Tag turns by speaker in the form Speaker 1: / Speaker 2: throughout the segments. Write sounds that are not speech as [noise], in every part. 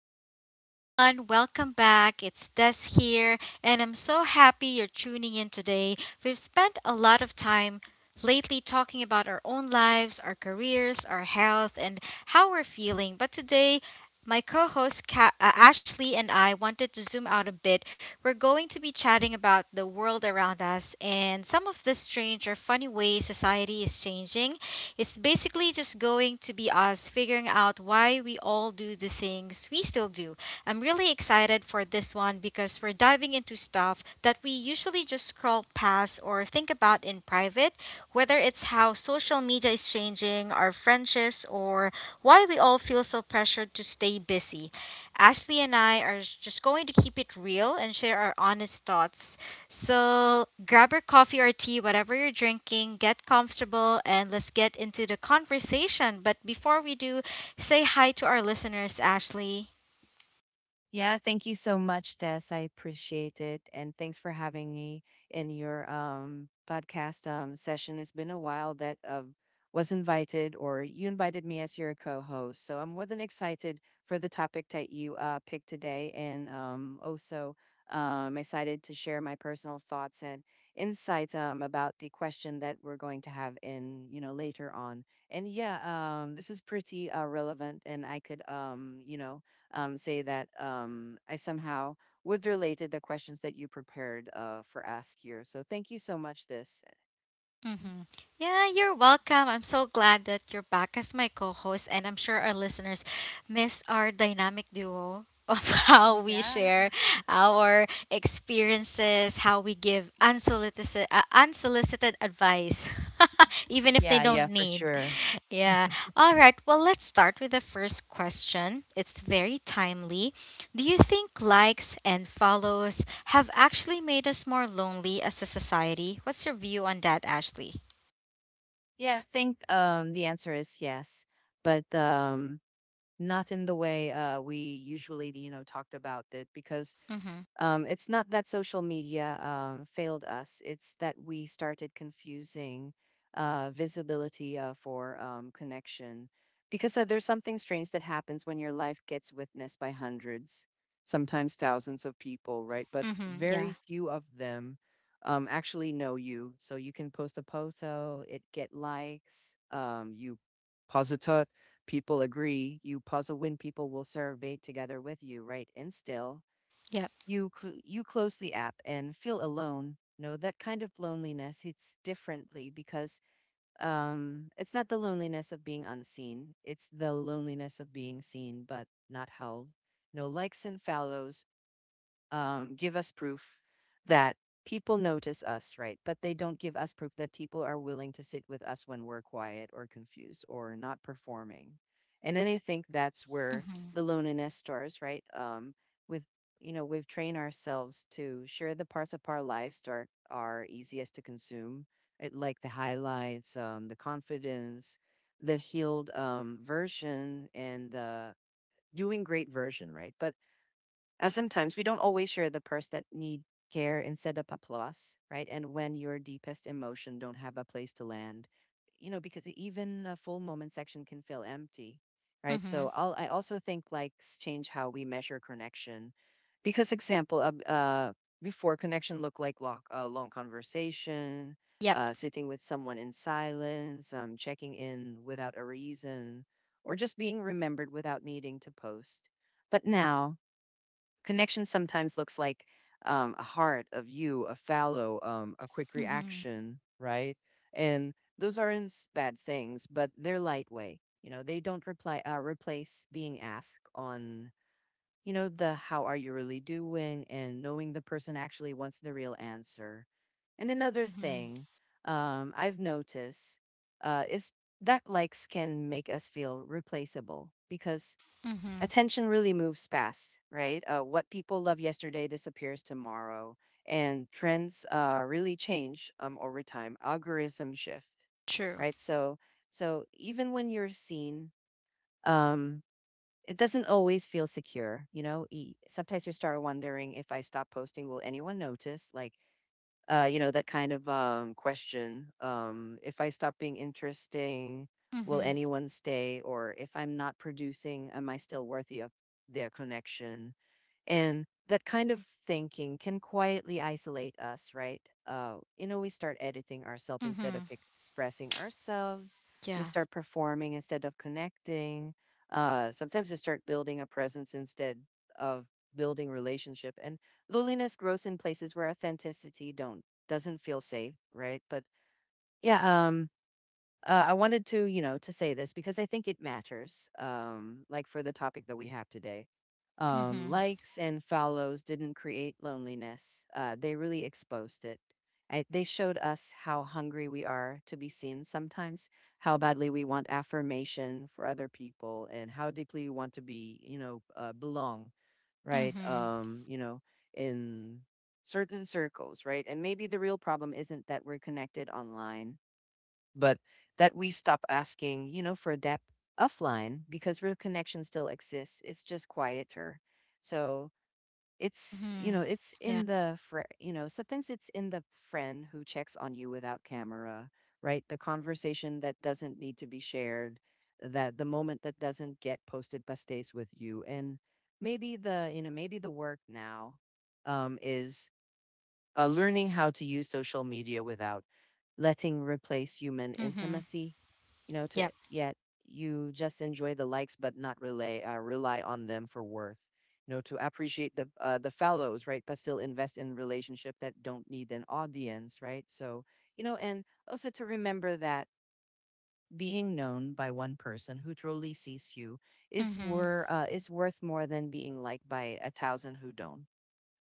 Speaker 1: Hey everyone, welcome back. It's Des here, and I'm so happy you're tuning in today. We've spent a lot of time lately talking about our own lives, our careers, our health, and how we're feeling. But today, my co host Ashley and I wanted to zoom out a bit. We're going to be chatting about the world around us and some of the strange or funny ways society is changing. It's basically just going to be us figuring out why we all do the things we still do. I'm really excited for this one because we're diving into stuff that we usually just scroll past or think about in private, whether it's how social media is changing our friendships or why we all feel so pressured to stay busy. Ashley and I are just going to keep it real and share our honest thoughts, so grab your coffee or tea, whatever you're drinking, get comfortable, and let's get into the conversation. But before we do, say hi to our listeners, Ashley.
Speaker 2: Yeah, thank you so much, Tess. I appreciate it. And thanks for having me in your podcast session. It's been a while that was invited, or you invited me as your co host. So I'm more than excited for the topic that you picked today. And also, excited to share my personal thoughts and insights about the question that we're going to have in, later on. And yeah, this is pretty relevant, and I could, say that I somehow would relate to the questions that you prepared for Ask Here. So thank you so much. This.
Speaker 1: Mm-hmm. Yeah, you're welcome. I'm so glad that you're back as my co host, and I'm sure our listeners miss our dynamic duo of [laughs] how we
Speaker 2: Yeah.
Speaker 1: share our experiences, how we give unsolicited advice, [laughs] even if they
Speaker 2: Yeah, yeah,
Speaker 1: don't
Speaker 2: for
Speaker 1: need.
Speaker 2: sure.
Speaker 1: Yeah. All right. Well, let's start with the first question. It's very timely. Do you think likes and follows have actually made us more lonely as a society? What's your view on that, Ashley?
Speaker 2: Yeah, I think the answer is yes, but not in the way we usually, talked about it, because
Speaker 1: Mm-hmm.
Speaker 2: It's not that social media failed us. It's that we started confusing visibility for connection, because there's something strange that happens when your life gets witnessed by hundreds, sometimes thousands of people, right? But
Speaker 1: Mm-hmm. Yeah.
Speaker 2: very few of them actually know you. So you can post a photo, it get likes, you pause a thought, people agree, you pause a win, people will survey together with you, right? And still
Speaker 1: Yep.
Speaker 2: you close the app and feel alone. No, that kind of loneliness hits differently, because it's not the loneliness of being unseen, it's the loneliness of being seen but not held. No, likes and follows give us proof that people notice us, right? But they don't give us proof that people are willing to sit with us when we're quiet or confused or not performing. And then I think that's where
Speaker 1: Mm-hmm.
Speaker 2: the loneliness starts, right? With we've trained ourselves to share the parts of our lives that are easiest to consume, it, like the highlights, the confidence, the healed version, and the doing great version, right? But sometimes we don't always share the parts that need care instead of applause, right? And when your deepest emotion don't have a place to land, because even a full moment section can feel empty, right?
Speaker 1: Mm-hmm.
Speaker 2: So I'll, I also think likes change how we measure connection, because example, before connection looked like long conversation,
Speaker 1: Yep.
Speaker 2: sitting with someone in silence, checking in without a reason, or just being remembered without needing to post. But now connection sometimes looks like a heart, a view, a follow, a quick
Speaker 1: Mm-hmm.
Speaker 2: reaction, right? And those aren't bad things, but they're lightweight. You know, they don't reply replace being asked on, the "how are you really doing," and knowing the person actually wants the real answer. And another
Speaker 1: Mm-hmm.
Speaker 2: thing I've noticed is that likes can make us feel replaceable, because
Speaker 1: Mm-hmm.
Speaker 2: attention really moves fast, right? What people love yesterday disappears tomorrow, and trends really change over time. Algorithms shift,
Speaker 1: True.
Speaker 2: right? Even when you're seen, um, it doesn't always feel secure. You know, sometimes you start wondering, if I stop posting, will anyone notice? That kind of question. If I stop being interesting, will
Speaker 1: Mm-hmm.
Speaker 2: anyone stay? Or if I'm not producing, am I still worthy of their connection? And that kind of thinking can quietly isolate us, right? We start editing ourselves instead of
Speaker 1: Mm-hmm.
Speaker 2: expressing ourselves. We
Speaker 1: Yeah.
Speaker 2: start performing instead of connecting. Sometimes we start building a presence instead of building relationship. And loneliness grows in places where authenticity don't doesn't feel safe, right? But yeah, um, I wanted to, to say this because I think it matters. Like, for the topic that we have today,
Speaker 1: Mm-hmm.
Speaker 2: likes and follows didn't create loneliness. They really exposed it. They showed us how hungry we are to be seen sometimes, how badly we want affirmation for other people, and how deeply we want to be, belong, right?
Speaker 1: Mm-hmm.
Speaker 2: In certain circles, right? And maybe the real problem isn't that we're connected online, but that we stop asking, for depth offline, because real connection still exists. It's just quieter. So it's, you
Speaker 1: Mm-hmm.
Speaker 2: know, it's
Speaker 1: Yeah.
Speaker 2: in the, fr- sometimes it's in the friend who checks on you without camera, right? The conversation that doesn't need to be shared, that the moment that doesn't get posted but stays with you. And maybe the work now is learning how to use social media without letting replace human
Speaker 1: Mm-hmm.
Speaker 2: intimacy, you know to
Speaker 1: Yep.
Speaker 2: yet you just enjoy the likes but not rely on them for worth, to appreciate the fellows, right? But still invest in relationship that don't need an audience, right? So, and also, to remember that being known by one person who truly sees you is
Speaker 1: Mm-hmm.
Speaker 2: wor- uh, is worth more than being liked by a thousand who don't.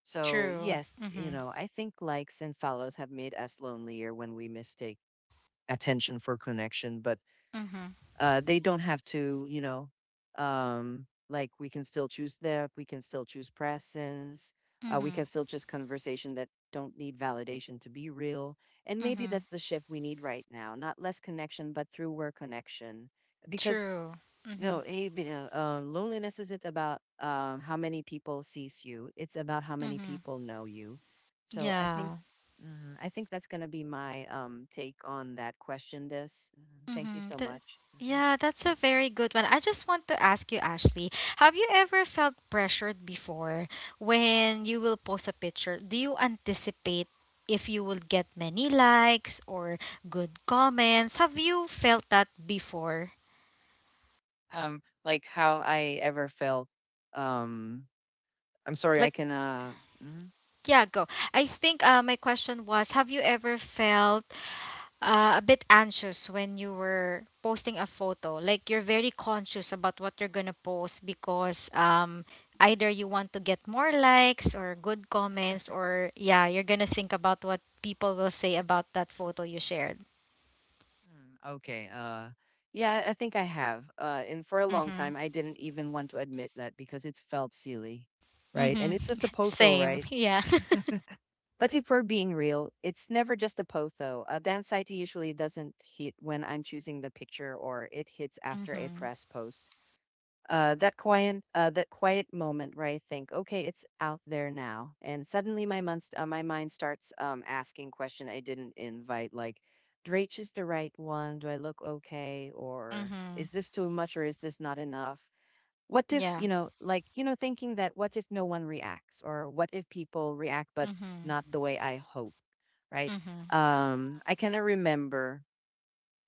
Speaker 2: So,
Speaker 1: True.
Speaker 2: yes,
Speaker 1: Mm-hmm.
Speaker 2: I think likes and follows have made us lonelier when we mistake attention for connection, but
Speaker 1: Mm-hmm.
Speaker 2: they don't have to, like, we can still choose depth, we can still choose presence, we can
Speaker 1: Mm-hmm.
Speaker 2: still choose conversation that don't need validation to be real. And maybe
Speaker 1: Mm-hmm.
Speaker 2: that's the shift we need right now, not less connection, but through where connection. Because
Speaker 1: True. Mm-hmm.
Speaker 2: no, Abe, you loneliness isn't about how many people sees you. It's about how many
Speaker 1: Mm-hmm.
Speaker 2: people know you. So I think,
Speaker 1: Yeah.
Speaker 2: mm, I think that's going to be my take on that question. This. Mhm. Thank you
Speaker 1: Mm-hmm.
Speaker 2: so much. Mhm.
Speaker 1: Yeah, that's a very good one. I just want to ask you, Ashley, have you ever felt pressured before when you will post a picture? Do you anticipate if you will get many likes or good comments? Have you felt that before?
Speaker 2: Like how I ever felt. Um, I'm sorry, I
Speaker 1: Like,
Speaker 2: can. Mhm.
Speaker 1: yeah, go. I think my question was, have you ever felt a bit anxious when you were posting a photo. Like you're very conscious about what you're gonna post because either you want to get more likes or good comments, or yeah, you're gonna think about what people will say about that photo you shared.
Speaker 2: Mm, okay. Yeah, I think I have. And for a long
Speaker 1: Mm-hmm.
Speaker 2: time, I didn't even want to admit that, because it felt silly, right? And
Speaker 1: Mm-hmm.
Speaker 2: it's just a
Speaker 1: [laughs]
Speaker 2: potho,
Speaker 1: Same.
Speaker 2: right?
Speaker 1: Yeah. [laughs]
Speaker 2: But if we're being real, it's never just a post though. The anxiety usually doesn't hit when I'm choosing the picture, or it hits after a
Speaker 1: Mm-hmm.
Speaker 2: press post. That quiet moment where I think, okay, it's out there now, and suddenly my mind starts asking question I didn't invite, like, Drake is the right one? Do I look okay? Or
Speaker 1: Mm-hmm.
Speaker 2: is this too much? Or is this not enough? What if,
Speaker 1: Yeah.
Speaker 2: like, thinking that what if no one reacts, or what if people react but
Speaker 1: Mm-hmm.
Speaker 2: not the way I hope, right?
Speaker 1: Mm-hmm.
Speaker 2: I kind of remember,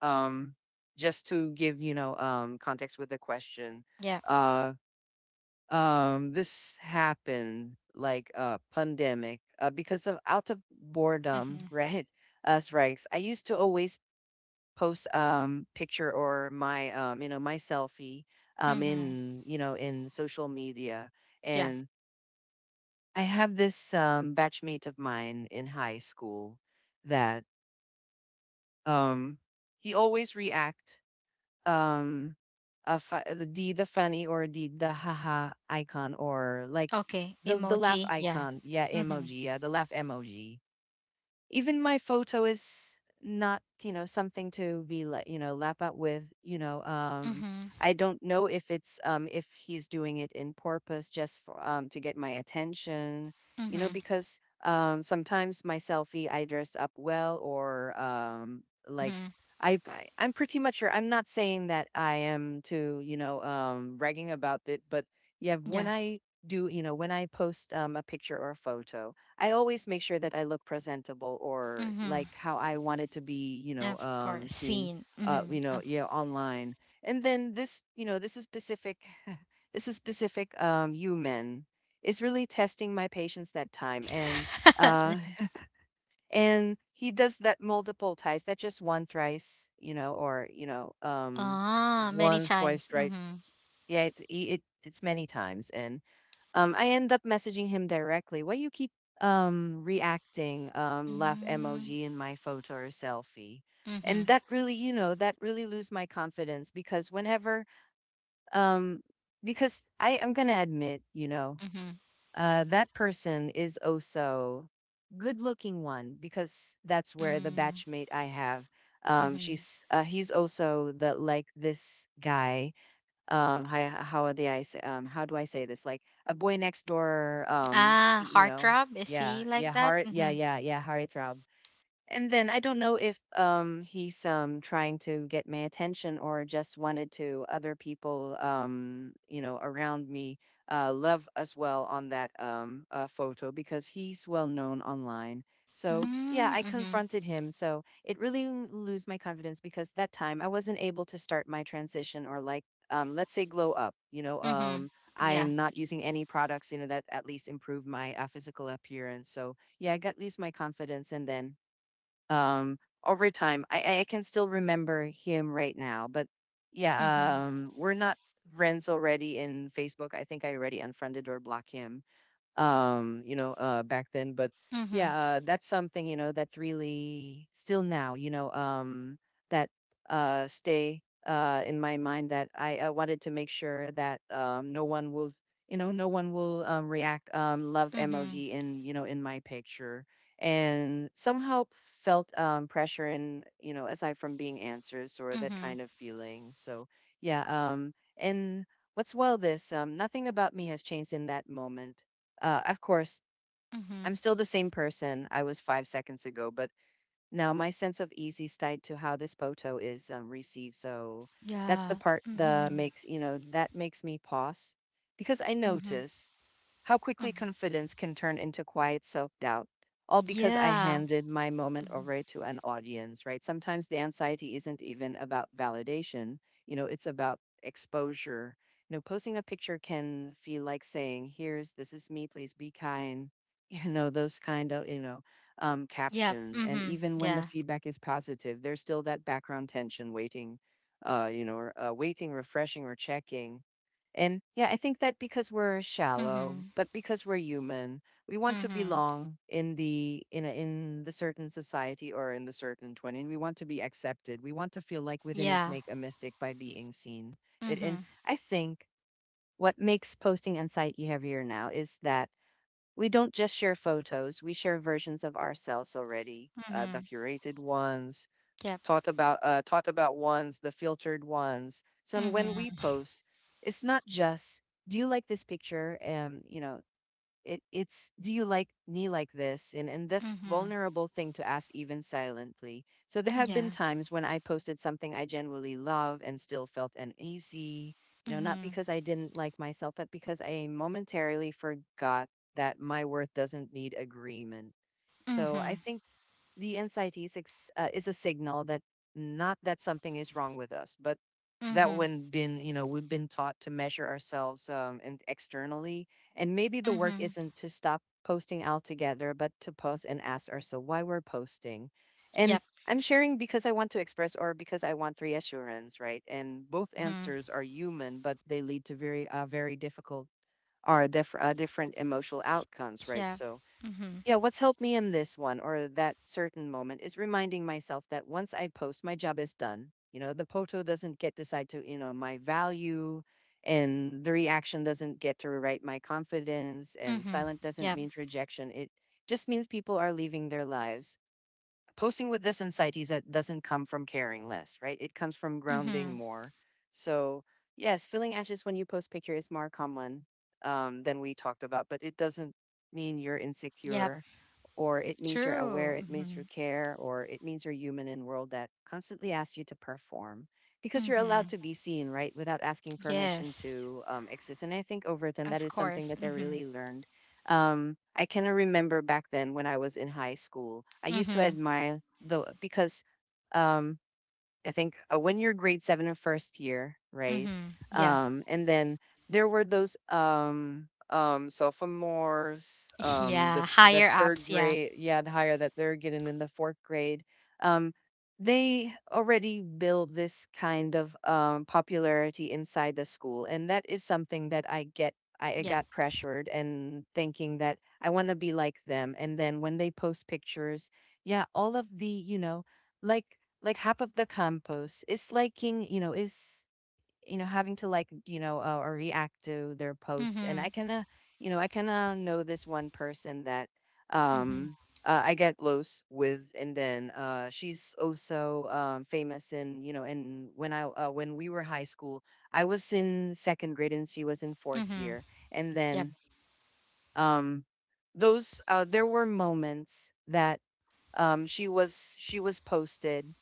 Speaker 2: um just to give, context with the question.
Speaker 1: Yeah.
Speaker 2: uh this happened like a pandemic, because of out of
Speaker 1: Mm-hmm.
Speaker 2: boredom, [laughs] right? As ranks, I used to always post picture, or my, my selfie,
Speaker 1: Mm-hmm.
Speaker 2: in, in social media.
Speaker 1: Yeah.
Speaker 2: And I have this batchmate of mine in high school that, um he always react, um a fa- the d the funny, or d the haha icon, or like
Speaker 1: Okay.
Speaker 2: the laugh
Speaker 1: Emoji. Yeah.
Speaker 2: icon, yeah,
Speaker 1: Mm-hmm.
Speaker 2: emoji, yeah, the laugh emoji. Even my photo is not, something to be lap up with,
Speaker 1: Mm-hmm.
Speaker 2: I don't know if it's, if he's doing it in purpose, just for, to get my attention,
Speaker 1: Mm-hmm.
Speaker 2: because, sometimes my selfie, I dress up well, or like
Speaker 1: Mm-hmm.
Speaker 2: I'm pretty much sure, I'm not saying that I am to, bragging about it, but yeah,
Speaker 1: Yeah.
Speaker 2: when I do you know when I post a picture or a photo, I always make sure that I look presentable, or
Speaker 1: Mm-hmm.
Speaker 2: like how I wanted to be,
Speaker 1: Of course.
Speaker 2: seen,
Speaker 1: Seen. Mm-hmm. Of...
Speaker 2: yeah, online. And then this is specific, human, is really testing my patience that time. Uh,
Speaker 1: [laughs]
Speaker 2: and he does that multiple times, not just one thrice, or,
Speaker 1: Ah, many
Speaker 2: once, twice,
Speaker 1: times.
Speaker 2: right?
Speaker 1: Mm-hmm.
Speaker 2: Yeah, it, it's many times. And I end up messaging him directly. Why you keep, reacting, laugh emoji, in my photo or selfie?
Speaker 1: Mm-hmm. Mm-hmm.
Speaker 2: And that really, you know, that really lose my confidence, because whenever, um because I am gonna admit, that person is also good looking one, because that's where the
Speaker 1: Mm-hmm.
Speaker 2: batchmate I have.
Speaker 1: Mm-hmm.
Speaker 2: She's He's also the, like, this guy, how do I say, this like a boy next door,
Speaker 1: Ah,
Speaker 2: you know?
Speaker 1: heartthrob. Is
Speaker 2: Yeah,
Speaker 1: he
Speaker 2: yeah,
Speaker 1: like that?
Speaker 2: heart yeah,
Speaker 1: Mm-hmm.
Speaker 2: yeah, yeah, heartthrob. And then I don't know if, he's, trying to get my attention, or just wanted to other people, around me, love as well on that, photo, because he's well known online. So yeah, I
Speaker 1: Mm-hmm.
Speaker 2: confronted him. So it really lose my confidence because that time I wasn't able to start my transition, or like let's say glow up. You know
Speaker 1: Mm-hmm.
Speaker 2: um
Speaker 1: Yeah.
Speaker 2: I'm not using any products, you know, that at least improve my physical appearance. So yeah, I got lose my confidence and then, um over time, I can still remember him right now. But
Speaker 1: Mm-hmm.
Speaker 2: yeah, we're not friends already in Facebook. I think I already unfriended or blocked him, you know, back then. But
Speaker 1: Mm-hmm.
Speaker 2: yeah, that's something, you know, that's really still now, you know, that stay in my mind, that I wanted to make sure that no one will, you know, no one will react love
Speaker 1: Mm-hmm.
Speaker 2: emoji in, you know, in my picture. And somehow felt pressure, and you know, aside from being answers or that
Speaker 1: Mm-hmm.
Speaker 2: kind of feeling. So yeah, and what's, well, this nothing about me has changed in that moment. Of course,
Speaker 1: Mm-hmm.
Speaker 2: I'm still the same person I was 5 seconds ago, but now my sense of easy is tied to how this photo is received. So that's the
Speaker 1: Yeah.
Speaker 2: part that
Speaker 1: Mm-hmm.
Speaker 2: makes, you know, that makes me pause, because I
Speaker 1: Mm-hmm.
Speaker 2: notice how quickly
Speaker 1: Mm-hmm.
Speaker 2: confidence can turn into quiet self doubt, all because I
Speaker 1: Yeah.
Speaker 2: handed my moment
Speaker 1: Mm-hmm.
Speaker 2: over to an audience, right? Sometimes the anxiety isn't even about validation, you know, it's about exposure. You know, posting a picture can feel like saying, here's, this is me, please be kind, [laughs] you know, those kind of, you know,
Speaker 1: Yep.
Speaker 2: caption. And
Speaker 1: Mm-hmm.
Speaker 2: even when
Speaker 1: Yeah.
Speaker 2: the feedback is positive, there's still that background tension waiting, you know, or, waiting, refreshing, or checking. And yeah, I think that because we're shallow,
Speaker 1: Mm-hmm.
Speaker 2: but because we're human, we want to
Speaker 1: Mm-hmm.
Speaker 2: belong in the in the certain society or in the certain 20. And we want to be accepted. We want to feel like we didn't
Speaker 1: Yeah.
Speaker 2: make a mistake by being seen. It
Speaker 1: Mm-hmm.
Speaker 2: and I think what makes posting anxiety heavier now is that we don't just share photos, we share versions of ourselves already,
Speaker 1: Mm-hmm.
Speaker 2: the curated ones,
Speaker 1: Yep.
Speaker 2: thought about ones, the filtered ones. So when we
Speaker 1: Mhm.
Speaker 2: post, it's not just do you like this picture, and you know, it's do you like me like this? And this
Speaker 1: Mhm.
Speaker 2: vulnerable thing to ask, even silently. So there have
Speaker 1: Yeah.
Speaker 2: been times when I posted something I genuinely love and still felt uneasy. You know, not
Speaker 1: Mhm.
Speaker 2: because I didn't like myself, but because I momentarily forgot that my worth doesn't need agreement. So I
Speaker 1: Mhm.
Speaker 2: think the anxiety is a signal that, not that something is wrong with us, but that
Speaker 1: Mhm.
Speaker 2: when been you know we've been taught to measure ourselves and externally, and maybe the work
Speaker 1: Mhm.
Speaker 2: isn't to stop posting altogether, but to pause and ask ourselves why we're posting. And
Speaker 1: Yep.
Speaker 2: I'm sharing because I want to express, or because I want reassurance, right? And both
Speaker 1: Mhm.
Speaker 2: answers are human, but they lead to very very difficult or different emotional outcomes, right?
Speaker 1: Yeah.
Speaker 2: So
Speaker 1: Mhm.
Speaker 2: yeah, what's helped me in this one, or that certain moment, is reminding myself that once I post, my job is done. You know, the photo doesn't get decide to, you know, my value, and the reaction doesn't get to rewrite my confidence, and
Speaker 1: Mhm.
Speaker 2: silent doesn't
Speaker 1: Yep.
Speaker 2: mean rejection. It just means people are leaving their lives. Posting with this insight is that doesn't come from caring less, right? It comes from grounding
Speaker 1: Mhm.
Speaker 2: more. So, yes, feeling anxious when you post picture is more common than we talked about, but it doesn't mean you're
Speaker 1: Yep.
Speaker 2: insecure, or it means you're
Speaker 1: True.
Speaker 2: aware, it means you
Speaker 1: Mhm.
Speaker 2: care, or it means you're human in a world that constantly asks you to perform, because you're allowed
Speaker 1: Mhm.
Speaker 2: to be seen, right? Without asking permission
Speaker 1: Yes.
Speaker 2: to exist. And I think Overton, that
Speaker 1: Of
Speaker 2: is something
Speaker 1: course.
Speaker 2: that I
Speaker 1: Mhm.
Speaker 2: really learned. I kind of remember back then when I was in high school, I used to
Speaker 1: Mhm.
Speaker 2: admire the because, um, I think when you're grade seven in first year, right?
Speaker 1: Mhm. Yeah.
Speaker 2: And then there were those sophomores,
Speaker 1: [laughs] Yeah.
Speaker 2: the
Speaker 1: Higher
Speaker 2: third
Speaker 1: ups. Yeah.
Speaker 2: grade, yeah, the higher that they're getting in the fourth grade. Um, they already build this kind of popularity inside the school, and that is something that I get. I
Speaker 1: Yep.
Speaker 2: got pressured, and thinking that I want to be like them. And then when they post pictures, yeah, all of the, you know, like half of the compost is liking, you know, is, you know, having to like, you know, or react to their post. And I
Speaker 1: Mhm.
Speaker 2: kind of, you know, I kind of know this one person that,
Speaker 1: Mhm.
Speaker 2: um I get close with. And then she's also famous in, you know, and when I when we were high school, I was in second grade and she was in fourth
Speaker 1: Mhm.
Speaker 2: year. And
Speaker 1: Yep.
Speaker 2: then, um those there were moments that, she was posted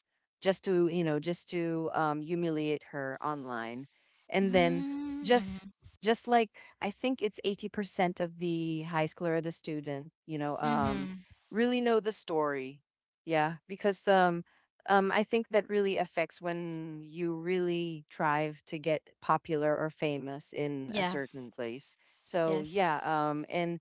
Speaker 2: just to, you know, just to humiliate her online. And then
Speaker 1: Mm.
Speaker 2: just
Speaker 1: Mhm.
Speaker 2: just like, I think it's 80% of the high schooler, the student, you know,
Speaker 1: Mhm.
Speaker 2: really know the story. Yeah, because I think that really affects when you really strive to get popular or famous in a
Speaker 1: Yeah.
Speaker 2: certain place. So
Speaker 1: Yes.
Speaker 2: yeah, and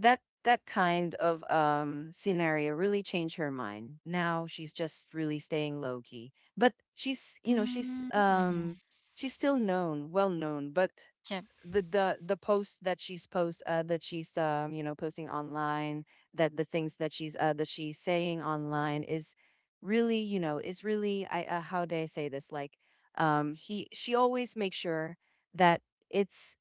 Speaker 2: that that kind of scenario really changed her mind. Now she's just really staying low key. But she's, you know, she's,
Speaker 1: Mm. Mhm.
Speaker 2: she's still known, well known. But
Speaker 1: Yep.
Speaker 2: the posts that she's post that she's, you know, posting online, that the things that she's, that she's saying online, is really, you know, is really, I, how do I say this, like, he, she always makes sure that it's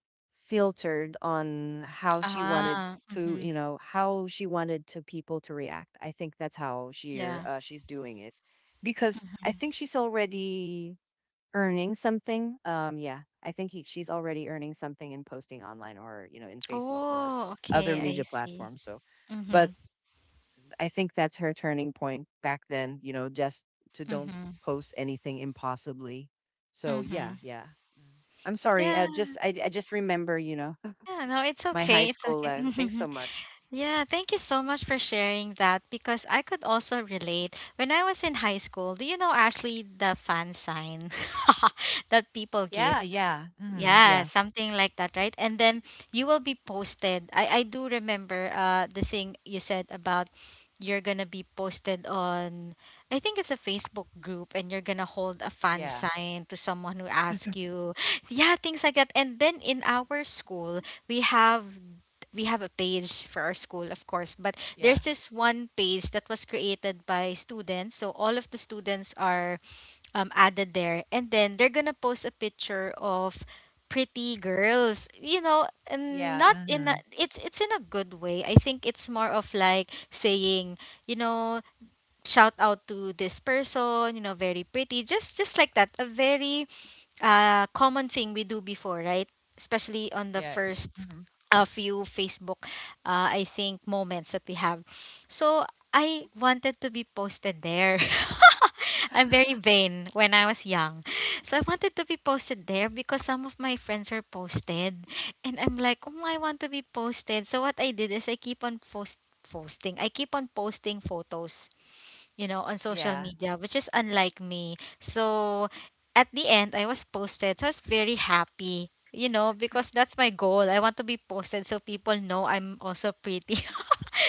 Speaker 2: filtered on how she wanted
Speaker 1: Ah.
Speaker 2: to, you
Speaker 1: Mhm.
Speaker 2: know, how she wanted to people to react. I think that's how she,
Speaker 1: Yeah.
Speaker 2: she's doing it, because I
Speaker 1: Hmm.
Speaker 2: think she's already earning something? Yeah. I think he, she's already earning something in posting online, or, you know, in Facebook or
Speaker 1: Oh,
Speaker 2: other
Speaker 1: okay,
Speaker 2: media
Speaker 1: I see.
Speaker 2: platforms. So, but
Speaker 1: Mm-hmm.
Speaker 2: I think that's her turning point back then, you know, just to don't
Speaker 1: Mm-hmm.
Speaker 2: post anything impossibly. So, yeah,
Speaker 1: Mm-hmm.
Speaker 2: yeah. Mm. I'm sorry.
Speaker 1: Yeah.
Speaker 2: I just remember, you know,
Speaker 1: Yeah, no,
Speaker 2: [laughs]
Speaker 1: it's
Speaker 2: my high
Speaker 1: okay. It's
Speaker 2: school
Speaker 1: okay.
Speaker 2: life. Thanks so
Speaker 1: [laughs]
Speaker 2: much.
Speaker 1: Yeah, thank you so much for sharing that because I could also relate. When I was in high school, do you know, Ashley, the fan sign [laughs] that people give?
Speaker 2: Yeah, yeah. Mhm.
Speaker 1: Yeah,
Speaker 2: Yeah.
Speaker 1: something like that, right? And then you will be posted. I do remember the thing you said about you're gonna be posted on, I think it's a Facebook group, and you're gonna hold a fan
Speaker 2: Yeah,
Speaker 1: sign to someone who asks you. Yeah, things like that. And then in our school, we have we have a page for our school, of course, but
Speaker 2: yeah,
Speaker 1: there's this one page that was created by students. So all of the students are added there. And then they're gonna post a picture of pretty girls. You know, and
Speaker 2: yeah.
Speaker 1: not in
Speaker 2: Hmm.
Speaker 1: a, it's in a good way. I think it's more of like saying, you know, shout out to this person, you know, very pretty, just like that. A very common thing we do before, right? Especially on the
Speaker 2: Yeah.
Speaker 1: first
Speaker 2: Mhm.
Speaker 1: a few Facebook, I think, moments that we have. So I wanted to be posted there. [laughs] I'm very vain when I was young. So I wanted to be posted there because some of my friends were posted. And I'm like, oh, I want to be posted. So what I did is I keep on posting. I keep on posting photos, you know, on social
Speaker 2: Yeah.
Speaker 1: media, which is unlike me. So at the end, I was posted. So I was very happy, you know, because that's my goal. I want to be posted so people know I'm also pretty. [laughs]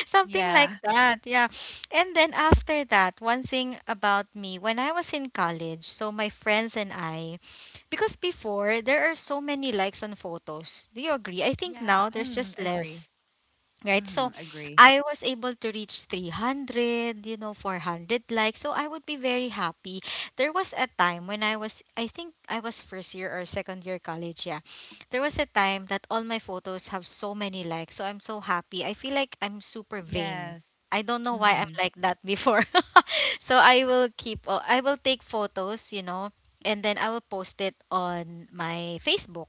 Speaker 1: Something like
Speaker 2: Yeah.
Speaker 1: that, yeah. And then after that, one thing about me, when I was in college, so my friends and I, because before there are so many likes on photos. Do you agree? I think
Speaker 2: yeah.
Speaker 1: now there's
Speaker 2: Mm,
Speaker 1: just
Speaker 2: agree.
Speaker 1: less, right? So
Speaker 2: Hmm. Agree.
Speaker 1: I was able to reach 300, you know, 400 likes. So I would be very happy. There was a time when I was, I think I was first year or second year college. Yeah. There was a time that all my photos have so many likes. So I'm so happy. I feel like I'm super vain.
Speaker 2: Yes.
Speaker 1: I don't know why I'm
Speaker 2: Mm-hmm.
Speaker 1: like that before. [laughs] So I will keep, I will take photos, you know, and then I will post it on my Facebook,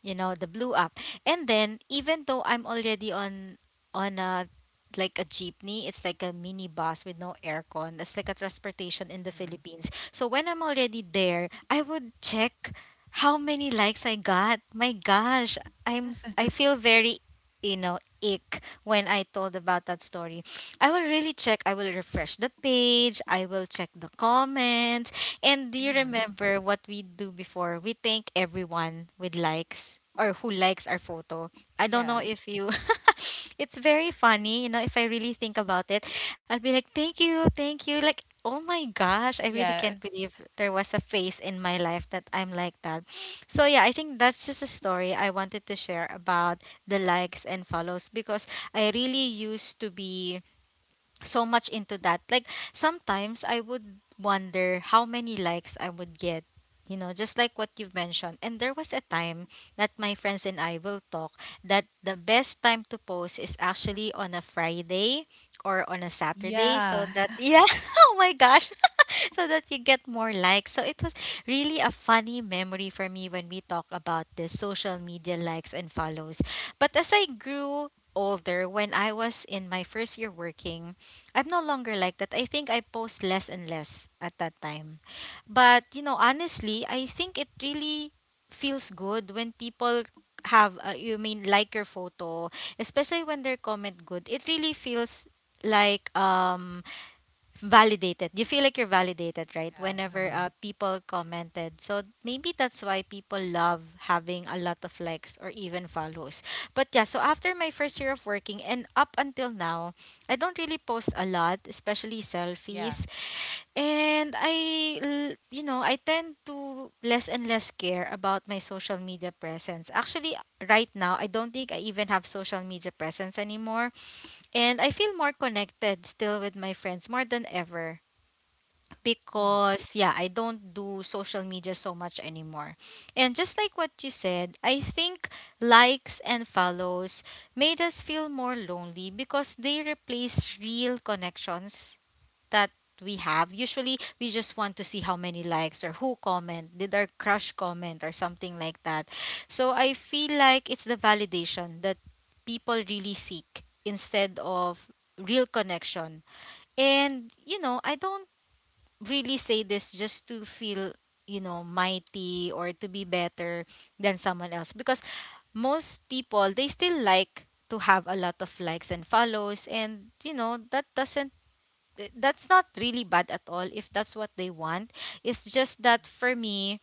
Speaker 1: you know, the blue app. And then even though I'm already on a like a jeepney. It's like a mini bus with no aircon. That's like a transportation in the
Speaker 2: Hmm.
Speaker 1: Philippines. So when I'm already there, I would check how many likes I got. My gosh, I feel very, you know, ick when I told about that story. I will really check. I will refresh the page. I will check the comments. And do you
Speaker 2: Hmm.
Speaker 1: remember what we do before? We thank everyone with likes or who likes our photo. I don't
Speaker 2: Yeah.
Speaker 1: know if you [laughs] it's very funny, you know, if I really think about it. I'll be like, thank you, thank you. Like, oh my gosh, I really
Speaker 2: Yeah.
Speaker 1: can't believe there was a phase in my life that I'm like that. [sniffs] So yeah, I think that's just a story I wanted to share about the likes and follows because I really used to be so much into that. Like sometimes I would wonder how many likes I would get. You know, just like what you've mentioned. And there was a time that my friends and I will talk that the best time to post is actually on a Friday or on a Saturday so
Speaker 2: Yeah.
Speaker 1: that
Speaker 2: [laughs] [sighs]
Speaker 1: yeah, [laughs] oh my gosh. [laughs] so that you get more likes. So it was really a funny memory for me when we talk about this social media likes and follows. But as I grew older, when I was in my first year working, I'm no longer like that. I think I post less and less at that time. But, you know, honestly, I think it really feels good when people have, you mean, like your photo, especially when their comment good. It really feels like, validated. You feel like you're validated, right?
Speaker 2: Yeah.
Speaker 1: Whenever
Speaker 2: Mhm.
Speaker 1: people commented. So maybe that's why people love having a lot of likes or even follows. But yeah, so after my first year of working and up until now, I don't really post a lot, especially
Speaker 2: Yeah.
Speaker 1: selfies. And you know, I tend to less and less care about my social media presence. Actually, right now, I don't think I even have social media presence anymore. And I feel more connected still with my friends more than ever
Speaker 2: Mhm.
Speaker 1: because yeah, I don't do social media so much anymore. And just like what you said, I think likes and follows made us feel more lonely because they replace real connections that we have. Usually we just want to see how many likes or who comment, did our crush comment or something like that. So I feel like it's the validation that people really seek instead of real connection. And you know, I don't really say this just to feel, you know, mighty or to be better than someone else. Because most people, they still like to have a lot of likes and follows. And, you know, that's not really bad at all if that's what they want. It's just that for me,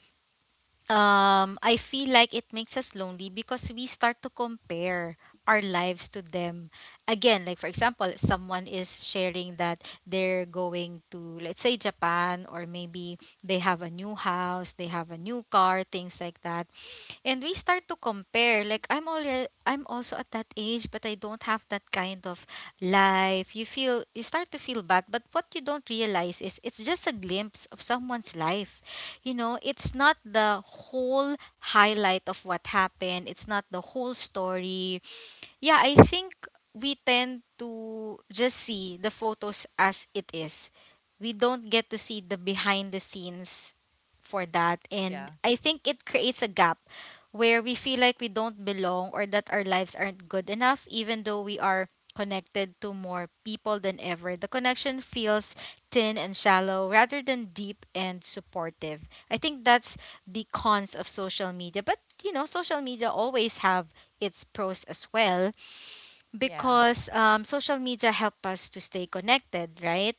Speaker 1: I feel like it makes us lonely because we start to compare our lives to them. Again, like for example, someone is sharing that they're going to, let's say, Japan, or maybe they have a new house, they have a new car, things like that. And we start to compare. Like I'm already, I'm also at that age, but I don't have that kind of life. You feel, you start to feel bad. But what you don't realize is it's just a glimpse of someone's life. It's not the whole highlight of what happened. It's not the whole story. Yeah, I think we tend to just see the photos as it is. We don't get to see the behind the scenes for that. And
Speaker 2: Yeah.
Speaker 1: I think it creates a gap where we feel like we don't belong or that our lives aren't good enough, even though we are connected to more people than ever. The connection feels thin and shallow rather than deep and supportive. I think that's the cons of social media. But, you know, social media always have its pros as well
Speaker 2: Yeah.
Speaker 1: because social media help us to stay connected, right?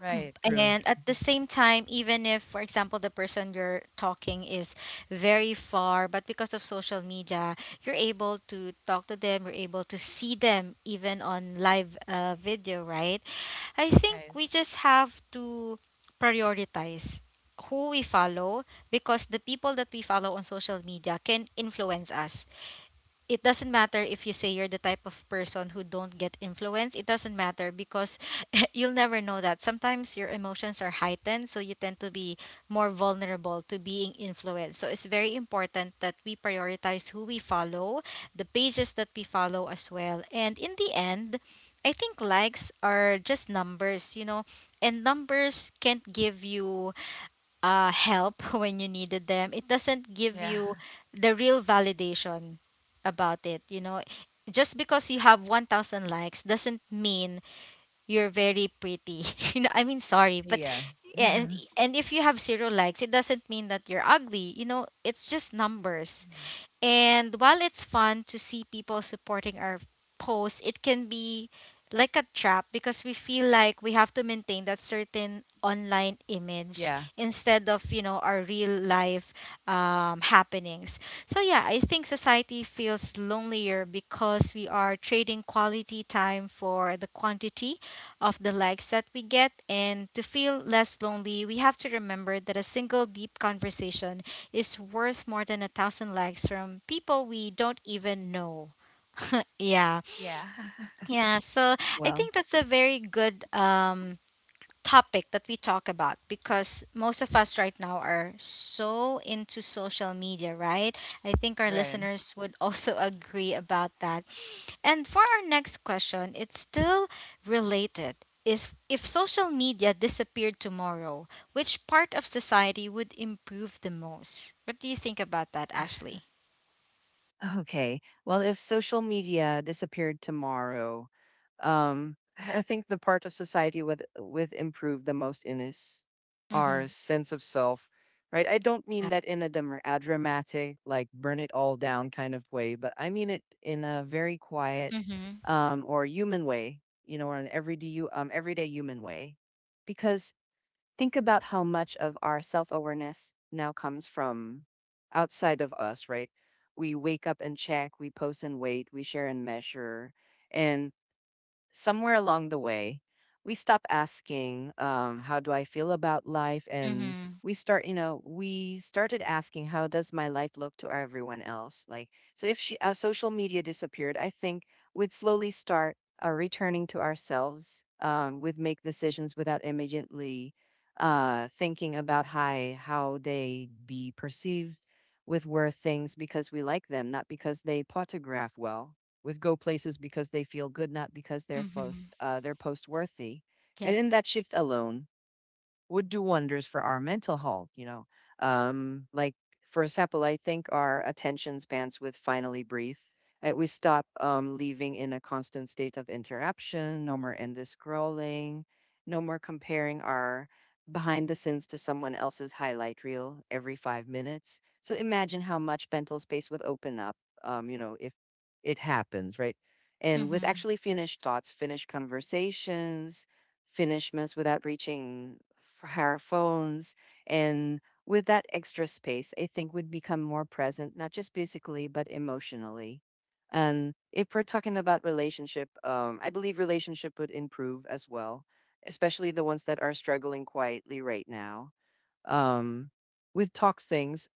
Speaker 2: Right. True.
Speaker 1: And at the
Speaker 2: Mhm.
Speaker 1: same time, even if, for example, the person you're talking is very far, but because of social media, you're able to talk to them, you're able to see them even on live video, right? I think
Speaker 2: Right.
Speaker 1: we just have to prioritize who we follow, because the people that we follow on social media can influence us. It doesn't matter if you say you're the type of person who don't get influenced. It doesn't matter because [laughs] you'll never know that sometimes your emotions are heightened, so you tend to be more vulnerable to being influenced. So it's very important that we prioritize who we follow, the pages that we follow as well. And in the end, I think likes are just numbers. And numbers can't give you help [laughs] when you needed them. It doesn't give
Speaker 2: Yeah.
Speaker 1: you the real validation about it. You know, just because you have 1,000 likes doesn't mean you're very pretty. [laughs] You know, I mean, sorry, but
Speaker 2: [laughs] Yeah.
Speaker 1: yeah, and
Speaker 2: Hmm.
Speaker 1: and if you have zero likes, it doesn't mean that you're ugly. You know, it's just numbers. And while it's fun to see people supporting our post, it can be like a trap because we feel like we have to maintain that certain online image
Speaker 2: Yeah.
Speaker 1: instead of our real life happenings. So yeah, I think society feels lonelier because we are trading quality time for the quantity of the likes that we get. And to feel less lonely, we have to remember that a single deep conversation is worth more than 1,000 likes from people we don't even know. [laughs] Yeah.
Speaker 2: Yeah. [laughs]
Speaker 1: Yeah. So I
Speaker 2: Well,
Speaker 1: think that's a very good topic that we talk about, because most of us right now are so into social media, right? I think our
Speaker 2: right.
Speaker 1: listeners would also [laughs] agree about that. And for our next question, it's still related. Is, if social media disappeared tomorrow, which part of society would improve the most? What do you think about that, Ashley?
Speaker 2: Okay. Well, if social media disappeared tomorrow, I think the part of society with improve the most in is our
Speaker 1: Mm-hmm.
Speaker 2: sense of self, right? I don't mean that in a, a dramatic, like burn it all down kind of way, but I mean it in a very quiet,
Speaker 1: Mm-hmm.
Speaker 2: or human way, you know, or an everyday you everyday human way, because think about how much of our self awareness now comes from outside of us, right? We wake up and check, we post and wait, we share and measure. And somewhere along the way, we stop asking, how do I feel about life? And
Speaker 1: Mm-hmm.
Speaker 2: we start, you know, we started asking, how does my life look to everyone else? Like, so if she, social media disappeared, I think we'd slowly start returning to ourselves. Would make decisions without immediately thinking about how they be perceived, with worth things because we like them, not because they photograph well, with go places because they feel good, not because
Speaker 1: Mm-hmm.
Speaker 2: they're post worthy. And
Speaker 1: Yep.
Speaker 2: in that shift alone, would do wonders for our mental health, you know. Like, for example, I think our attention spans would finally breathe. We stop living in a constant state of interruption, no more endless scrolling, no more comparing our behind the scenes to someone else's highlight reel every 5 minutes. So imagine how much mental space would open up, you know, if it happens, right? And with
Speaker 1: Mm-hmm.
Speaker 2: actually finished thoughts, finished conversations, finishments without reaching for our phones. And with that extra space, I think we'd become more present, not just physically, but emotionally. And if we're talking about relationship, I believe relationship would improve as well, especially the ones that are struggling quietly right now. Um, with talk things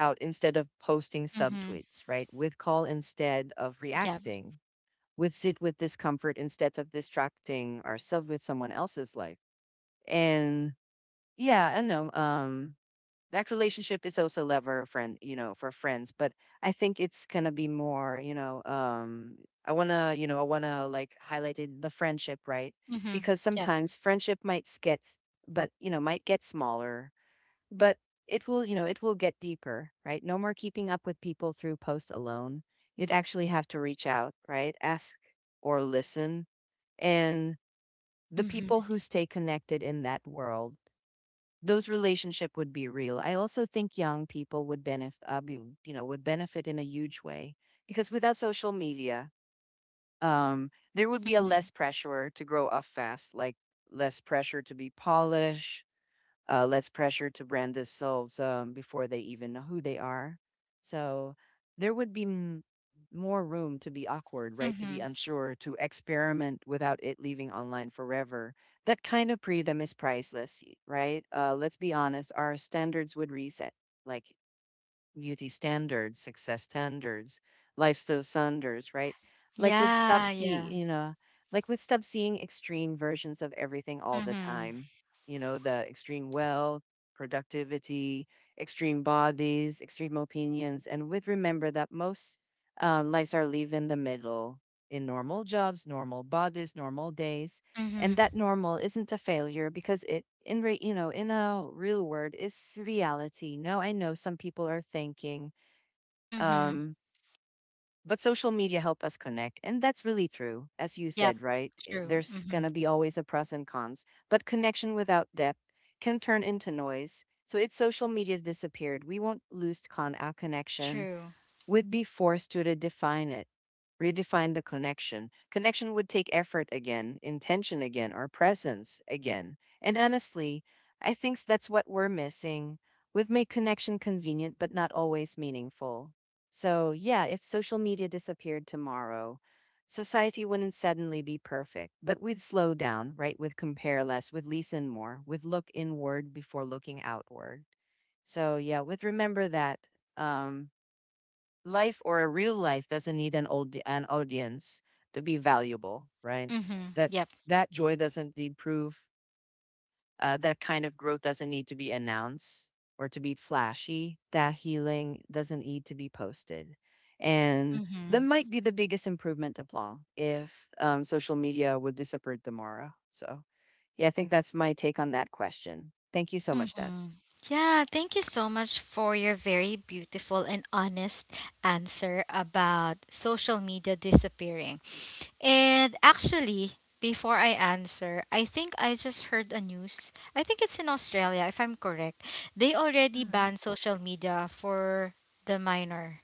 Speaker 2: out instead of posting
Speaker 1: Mm-hmm.
Speaker 2: subtweets, right? With call instead of
Speaker 1: Yep.
Speaker 2: reacting. With sit with discomfort instead of distracting ourselves with someone else's life and yeah, I know, that relationship is also love or friend, for friends, but I think it's gonna be more, I wanna like highlight it, the friendship, right?
Speaker 1: Mm-hmm.
Speaker 2: Because
Speaker 1: Yep.
Speaker 2: sometimes friendship might get smaller, but it will get deeper, right? No more keeping up with people through posts alone. You'd actually have to reach out, right? Ask or listen. And the
Speaker 1: Mm-hmm.
Speaker 2: people who stay connected in that world, those relationship would be real. I also think young people would benefit, would benefit in a huge way, because without social media, there would be a
Speaker 1: Mm-hmm.
Speaker 2: less pressure to grow up fast, like less pressure to be polished, less pressure to brand themselves, before they even know who they are. So there would be more room to be awkward, right? To be
Speaker 1: Mm-hmm.
Speaker 2: unsure, to experiment without it leaving online forever. That kind of freedom is priceless, right? Let's be honest, our standards would reset. Like beauty standards, success standards, lifestyle standards, right? Like with stop
Speaker 1: Yeah, yeah.
Speaker 2: see, you know, like with stop seeing extreme versions of everything all the
Speaker 1: Mm-hmm.
Speaker 2: time. You know, the extreme wealth, productivity, extreme bodies, extreme opinions, and with remember that most, lives are live in the middle, in normal jobs, normal bodies, normal days. And
Speaker 1: Mm-hmm.
Speaker 2: that normal isn't a failure because it in re, you know in a real word, is reality. Now, I know some people are thinking,
Speaker 1: Mm-hmm.
Speaker 2: um but social media help us connect, and that's really true. As you
Speaker 1: Yep.
Speaker 2: said, right,
Speaker 1: True.
Speaker 2: there's going
Speaker 1: Mm-hmm.
Speaker 2: to be always a pros and cons, but connection without depth can turn into noise. So if social media's disappeared, we won't lose our connection.
Speaker 1: True.
Speaker 2: Would be forced to redefine it, redefine the connection. Connection would take effort again, intention again, or presence again. And honestly, I think that's what we're missing. We've made connection convenient, but not always meaningful. So, yeah, if social media disappeared tomorrow, society wouldn't suddenly be perfect, but we'd slow down, right? We'd compare less, we'd listen more, we'd look inward before looking outward. So yeah, with remember that. Um, life or a real life doesn't need an audience to be valuable, right?
Speaker 1: Mm-hmm.
Speaker 2: That
Speaker 1: Yep.
Speaker 2: that joy doesn't need proof. That kind of growth doesn't need to be announced or to be flashy. That healing doesn't need to be posted, and that
Speaker 1: Mm-hmm.
Speaker 2: might be the biggest improvement of all if, social media would disappear tomorrow. So yeah, I think that's my take on that question. Thank you so much, Des.
Speaker 1: Mm-hmm. Yeah, thank you so much for your very beautiful and honest answer about social media disappearing. And actually, before I answer, I think I just heard a news. I think it's in Australia, if I'm correct. They already banned social media for the minor.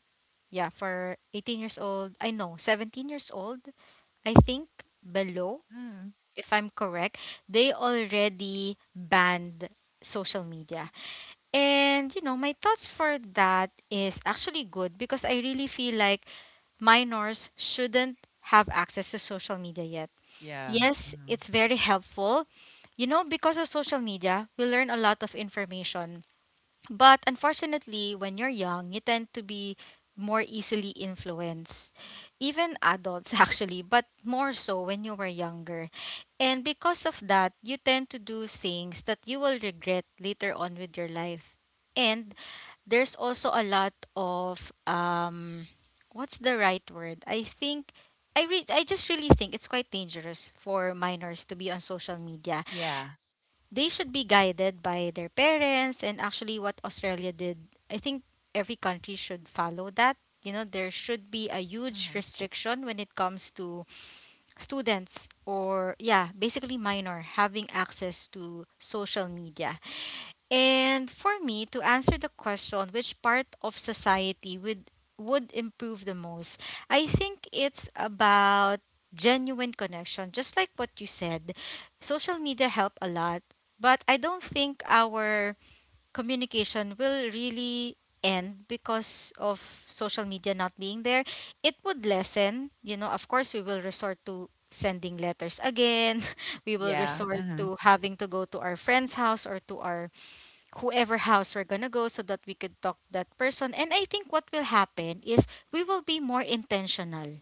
Speaker 1: Yeah, for 18 years old. I know, 17 years old, I think, below,
Speaker 2: Mm,
Speaker 1: if I'm correct. They already banned social media. And you know, my thoughts for that is actually good because I really feel like minors shouldn't have access to social media yet.
Speaker 2: yeah.
Speaker 1: Yes,
Speaker 2: Mhm,
Speaker 1: it's very helpful. You know, because of social media, we learn a lot of information, but unfortunately, when you're young, you tend to be more easily influenced. Even adults, [laughs] actually, but more so when you were younger. And because of that, you tend to do things that you will regret later on with your life. And there's also a lot of what's the right word I think I re- I just really think it's quite dangerous for minors to be on social media.
Speaker 2: yeah.
Speaker 1: They should be guided by their parents. And actually what Australia did, I think every country should follow that. You know, there should be a huge
Speaker 2: Hmm,
Speaker 1: restriction when it comes to students or, yeah, basically minor having access to social media. And for me to answer the question, which part of society would improve the most, I think it's about genuine connection, just like what you said. Social media help a lot, but I don't think our communication will really end because of social media not being there. It would lessen. You know, of course we will resort to sending letters again. [laughs] We will
Speaker 2: yeah. Yeah.
Speaker 1: resort
Speaker 2: Mhm.
Speaker 1: to having to go to our friend's house or to our whoever house we're gonna go, so that we could talk to that person. And I think what will happen is we will be more intentional,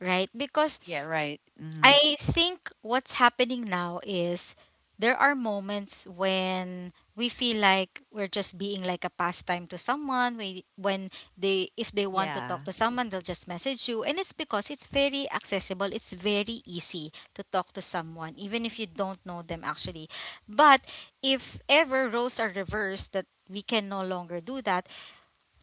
Speaker 1: right? Because
Speaker 2: Yeah, right. Mhm.
Speaker 1: I think what's happening now is there are moments when we feel like we're just being like a pastime to someone. We when they, if they want to talk
Speaker 2: Yeah,
Speaker 1: to someone, they'll just message you, and it's because it's very accessible. It's very easy to talk to someone, even if you don't know them actually. But if ever roles are reversed, that we can no longer do that,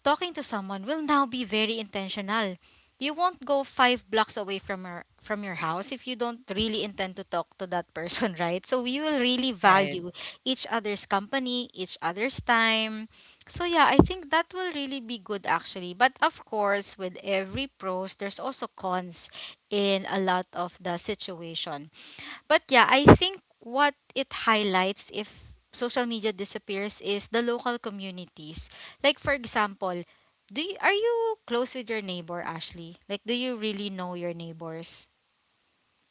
Speaker 1: talking to someone will now be very intentional. You won't go 5 blocks away from your house if you don't really intend to talk to that person, [laughs] right? So we will really
Speaker 2: right.
Speaker 1: value each other's company, each other's time. So yeah, I think that will really be good actually. But of course, with every pros, there's also cons in a lot of the situation. But yeah, I think what it highlights, if social media disappears, is the local communities. Like for example, do you, are you close with your neighbor, Ashley? Like do you really know your neighbors?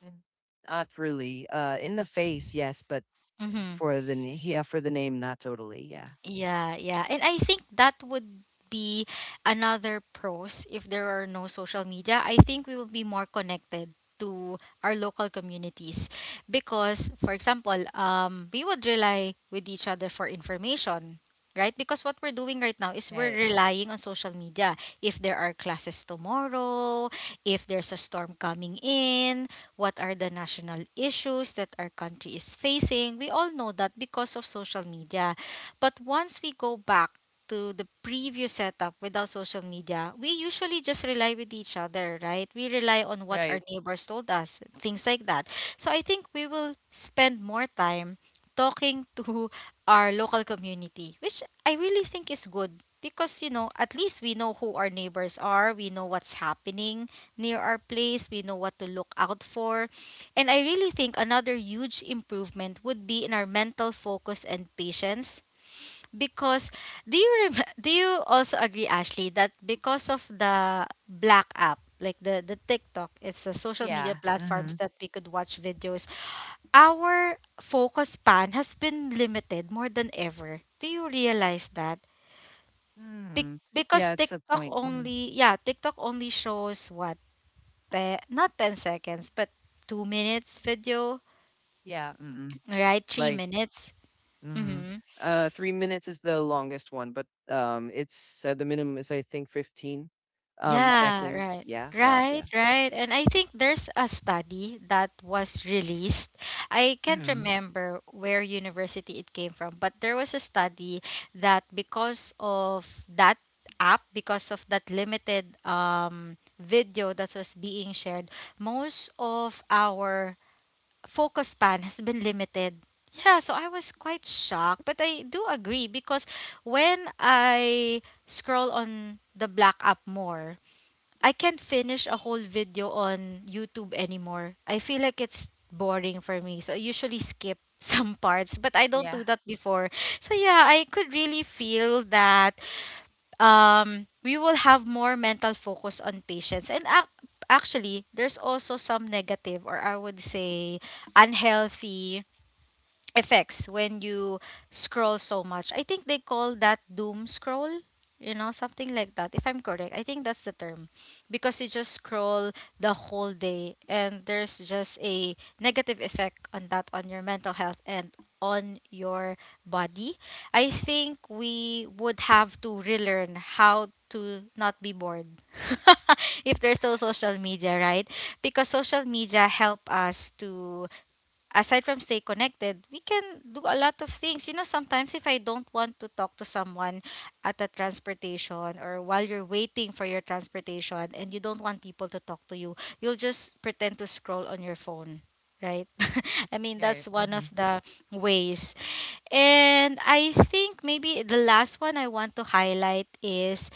Speaker 2: Mm. Not really. In the face, yes, but
Speaker 1: Mhm.
Speaker 2: for the yeah, for the name, not totally. Yeah.
Speaker 1: Yeah, yeah. And I think that would be another pros if there are no social media. I think we will be more connected to our local communities, because for example, we would rely with each other for information. Right? Because what we're doing right now is we're
Speaker 2: Right.
Speaker 1: relying on social media. If there are classes tomorrow, if there's a storm coming in, what are the national issues that our country is facing? We all know that because of social media. But once we go back to the previous setup without social media, we usually just rely with each other, right? We rely on what our
Speaker 2: Right.
Speaker 1: neighbors told us, things like that. So I think we will spend more time talking [laughs] to our local community, which I really think is good because you know at least we know who our neighbors are, we know what's happening near our place, we know what to look out for. And I really think another huge improvement would be in our mental focus and patience, because [laughs] do you also agree, Ashley, that because of the black app, like the TikTok, it's the social media
Speaker 2: Yeah.
Speaker 1: platforms
Speaker 2: Mhm.
Speaker 1: that we could watch videos. Our focus span has been limited more than ever. Do you realize that?
Speaker 2: Mm.
Speaker 1: Because
Speaker 2: Yeah, it's a
Speaker 1: TikTok
Speaker 2: point. Mm.
Speaker 1: only, yeah, TikTok only shows what not 10 seconds, but 2 minutes video,
Speaker 2: Yeah. Mm-mm.
Speaker 1: right? Three
Speaker 2: Like.
Speaker 1: minutes.
Speaker 2: Mhm.
Speaker 1: Mm-hmm.
Speaker 2: 3 minutes is the longest one, but it's the minimum is I think 15,
Speaker 1: Yeah,
Speaker 2: seconds.
Speaker 1: right.
Speaker 2: Yeah. Well,
Speaker 1: Right,
Speaker 2: yeah.
Speaker 1: right. And I think there's a study that was released. I can't
Speaker 2: Mhm.
Speaker 1: remember where university it came from, but there was a study that because of that app, because of that limited video that was being shared, most of our focus span has been limited. Yeah, so I was quite shocked, but I do agree, because when I scroll on the black app more, I can't finish a whole video on YouTube anymore. I feel like it's boring for me. So I usually skip [laughs] some parts, but I don't
Speaker 2: Yeah.
Speaker 1: do that before. So yeah, I could really feel that we will have more mental focus on patience. Actually, there's also some negative or I would say unhealthy effects when you scroll so much. I think they call that doom scroll, you know, something like that. If I'm correct, I think that's the term. Because you just scroll the whole day and there's just a negative effect on that on your mental health and on your body. I think we would have to relearn how to not be bored [laughs] if there's no social media, right? Because social media help us to, aside from stay connected, we can do a lot of things. You know, sometimes if I don't want to talk to someone at a transportation or while you're waiting for your transportation and you don't want people to talk to you, you'll just pretend to scroll on your phone, right? [laughs] I mean,
Speaker 2: Right.
Speaker 1: that's one of
Speaker 2: Mhm.
Speaker 1: the ways. And I think maybe the last one I want to highlight is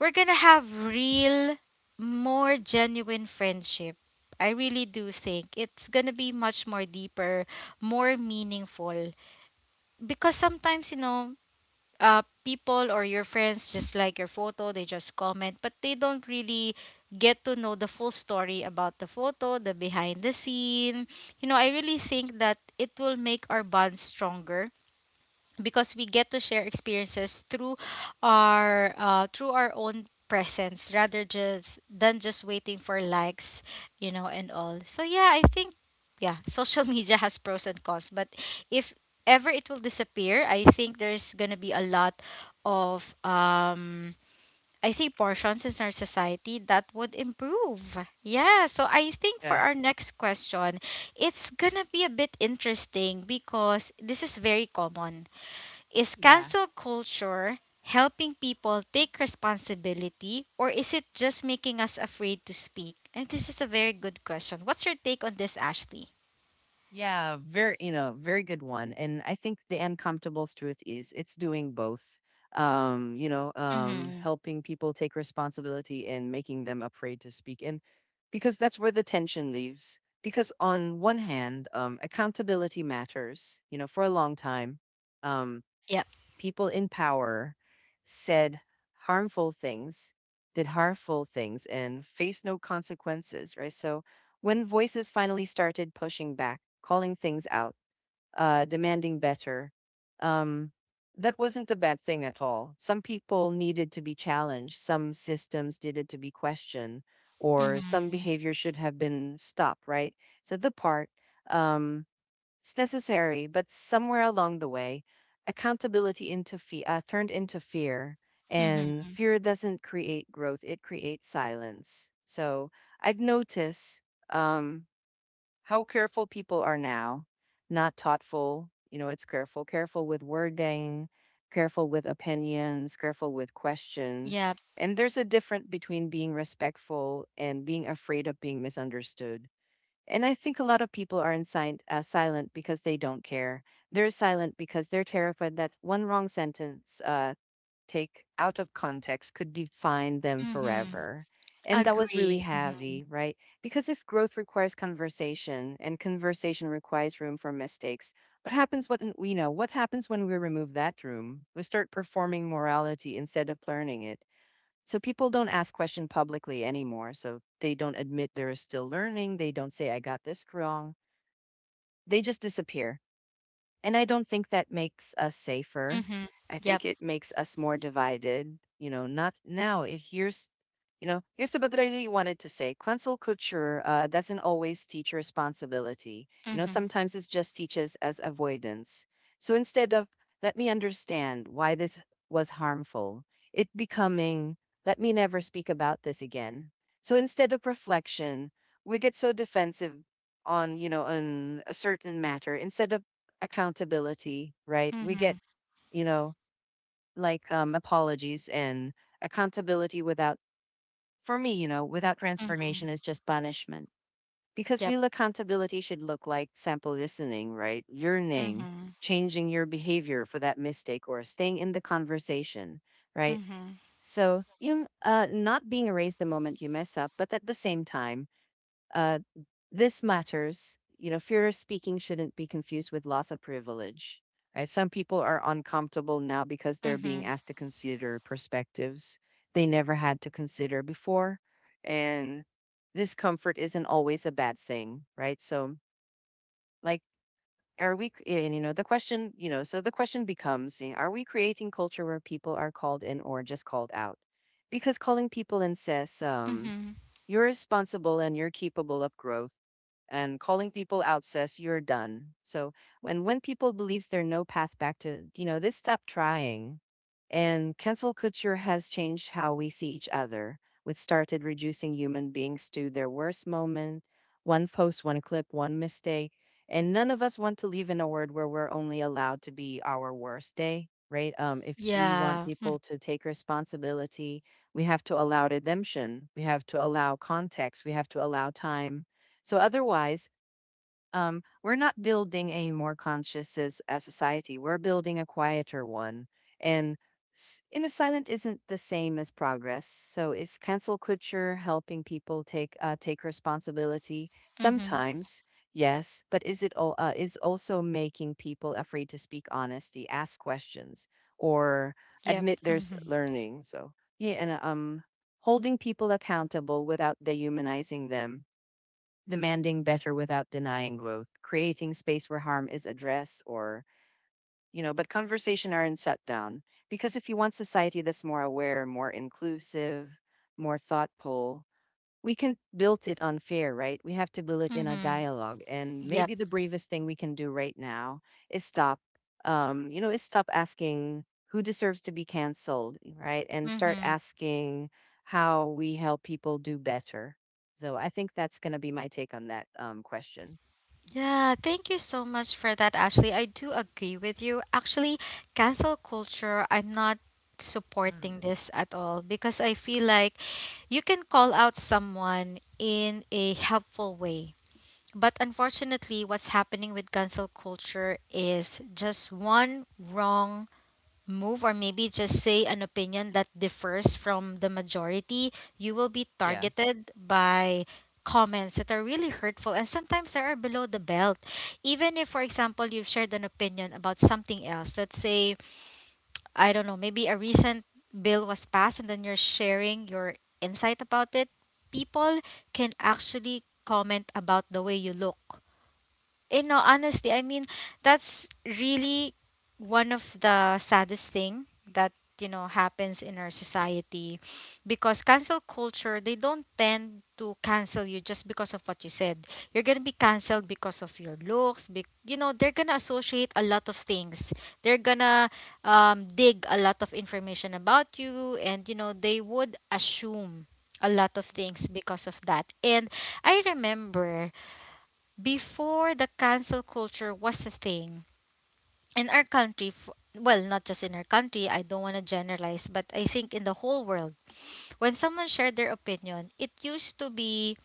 Speaker 1: we're gonna have real, more genuine friendship. I really do think it's gonna be much more deeper, more meaningful. Because sometimes, people or your friends just like your photo, they just comment, but they don't really get to know the full story about the photo, the behind the scene. You know, I really think that it will make our bond stronger because we get to share experiences through our own presence rather just than just waiting for likes and all. So yeah, I think, yeah, social [laughs] media has pros and cons, but if ever it will disappear, I think there's gonna be a lot of I think portions in our society that would improve. Yeah, so I think for our
Speaker 2: Yes.
Speaker 1: next question, it's gonna be a bit interesting because this is very common. Is
Speaker 2: Yeah.
Speaker 1: cancel culture helping people take responsibility, or is it just making us afraid to speak? And this is a very good question. What's your take on this, Ashley?
Speaker 2: Yeah, very, you know, very good one. And I think the uncomfortable truth is it's doing both.
Speaker 1: Mm-hmm.
Speaker 2: Helping people take responsibility and making them afraid to speak. And because that's where the tension leaves. Because on one hand, accountability matters, for a long time. Um,
Speaker 1: Yep.
Speaker 2: People in power said harmful things, did harmful things, and faced no consequences, right? So when voices finally started pushing back, calling things out, demanding better, um, that wasn't a bad thing at all. Some people needed to be challenged, some systems needed to be questioned, or some
Speaker 1: Mm-hmm.
Speaker 2: behavior should have been stopped, right? So the part, um, it's necessary, but somewhere along the way, accountability turned into fear, and
Speaker 1: Mm-hmm.
Speaker 2: fear doesn't create growth; it creates silence. So I've noticed, um, how careful people are now, not thoughtful. You know, it's careful, careful with wording, careful with opinions, careful with question.
Speaker 1: Yep.
Speaker 2: And there's a difference between being respectful and being afraid of being misunderstood, and I think a lot of people are silent, because they don't care. They're silent because they're terrified that one wrong sentence, take out of context, could define them
Speaker 1: Mm-hmm.
Speaker 2: forever. And that was really
Speaker 1: Agree. Mm-hmm.
Speaker 2: heavy, right? Because if growth requires conversation and conversation requires room for mistakes, what happens when we know what happens when we remove that room? We start performing morality instead of learning it, so people don't ask question publicly anymore. So they don't admit they're still learning. They don't say I got this wrong. They just disappear. And I don't think that makes us safer.
Speaker 1: Mm-hmm.
Speaker 2: I
Speaker 1: Yep.
Speaker 2: think it makes us more divided. You know, not now. Here's what I really wanted to say. Quetzal culture doesn't always teach responsibility. You know,
Speaker 1: Mm-hmm.
Speaker 2: sometimes it just teaches as avoidance. So instead of let me understand why this was harmful, it becoming let me never speak about this again. So instead of reflection, we get so defensive on you know on a certain matter instead of accountability, right? We
Speaker 1: Mm-hmm.
Speaker 2: get, you know, like, apologies and accountability without, for me, without
Speaker 1: Mm-hmm.
Speaker 2: transformation is just punishment. Because
Speaker 1: Yep.
Speaker 2: real accountability should look like sample listening, right? Learning,
Speaker 1: Mm-hmm.
Speaker 2: changing your behavior for that mistake, or staying in the conversation, right?
Speaker 1: Mm-hmm.
Speaker 2: So, you not being erased the moment you mess up, but at the same time, uh, this matters. You know, fear of speaking shouldn't be confused with loss of privilege. Right? Some people are uncomfortable now because they're being
Speaker 1: Mm-hmm.
Speaker 2: asked to consider perspectives they never had to consider before. And discomfort isn't always a bad thing, right? So, like, are we, and so the question becomes, are we creating culture where people are called in or just called out? Because calling people in says,
Speaker 1: Mm-hmm.
Speaker 2: you're responsible and you're capable of growth, and calling people out says you're done. So when people believe there's no path back to, this, stop trying. And cancel culture has changed how we see each other. We started reducing human beings to their worst moment, one post, one clip, one mistake. And none of us want to live in a world where we're only allowed to be our worst day, right? If we want
Speaker 1: Yeah.
Speaker 2: people to take responsibility, we have to allow redemption. We have to allow context. We have to allow time. So otherwise, we're not building a more conscious as society. We're building a quieter one. And in a silent isn't the same as progress. So, is cancel culture helping people take responsibility?
Speaker 1: Mm-hmm.
Speaker 2: Sometimes, yes, but is it all is also making people afraid to speak honesty, ask questions, or
Speaker 1: Yep.
Speaker 2: admit there's
Speaker 1: Mm-hmm.
Speaker 2: learning. So yeah, and holding people accountable without dehumanizing them, demanding better without denying growth, creating space where harm is addressed or, but conversation aren't shut down. Because if you want society that's more aware, more inclusive, more thoughtful, we can build it on unfair, right? We have to build it in a
Speaker 1: Mm-hmm.
Speaker 2: dialogue. And
Speaker 1: Yep.
Speaker 2: maybe the bravest thing we can do right now is stop, is stop asking who deserves to be canceled, right? And start
Speaker 1: Mm-hmm.
Speaker 2: asking how we help people do better. So I think that's going to be my take on that, question.
Speaker 1: Yeah, thank you so much for that, Ashley. I do agree with you. Actually, cancel culture, I'm not supporting this at all because I feel like you can call out someone in a helpful way. But unfortunately, what's happening with cancel culture is just one wrong move, or maybe just say an opinion that differs from the majority, you will be
Speaker 2: Yeah.
Speaker 1: targeted by comments that are really hurtful, and sometimes they are below the belt. Even if, for example, you've shared an opinion about something else, let's say, I don't know, maybe a recent bill was passed and then you're sharing your insight about it, people can actually comment about the way you look. Honestly, I mean, that's really one of the saddest thing that happens in our society, because cancel culture, they don't tend to cancel you just because of what you said. You're gonna be canceled because of your looks. You know, they're gonna associate a lot of things. They're gonna dig a lot of information about you, and you know they would assume a lot of things because of that. And I remember, before the cancel culture was a thing in our country, well, not just in our country, I don't want to generalize, but I think in the whole world, when someone shared their opinion, it used to be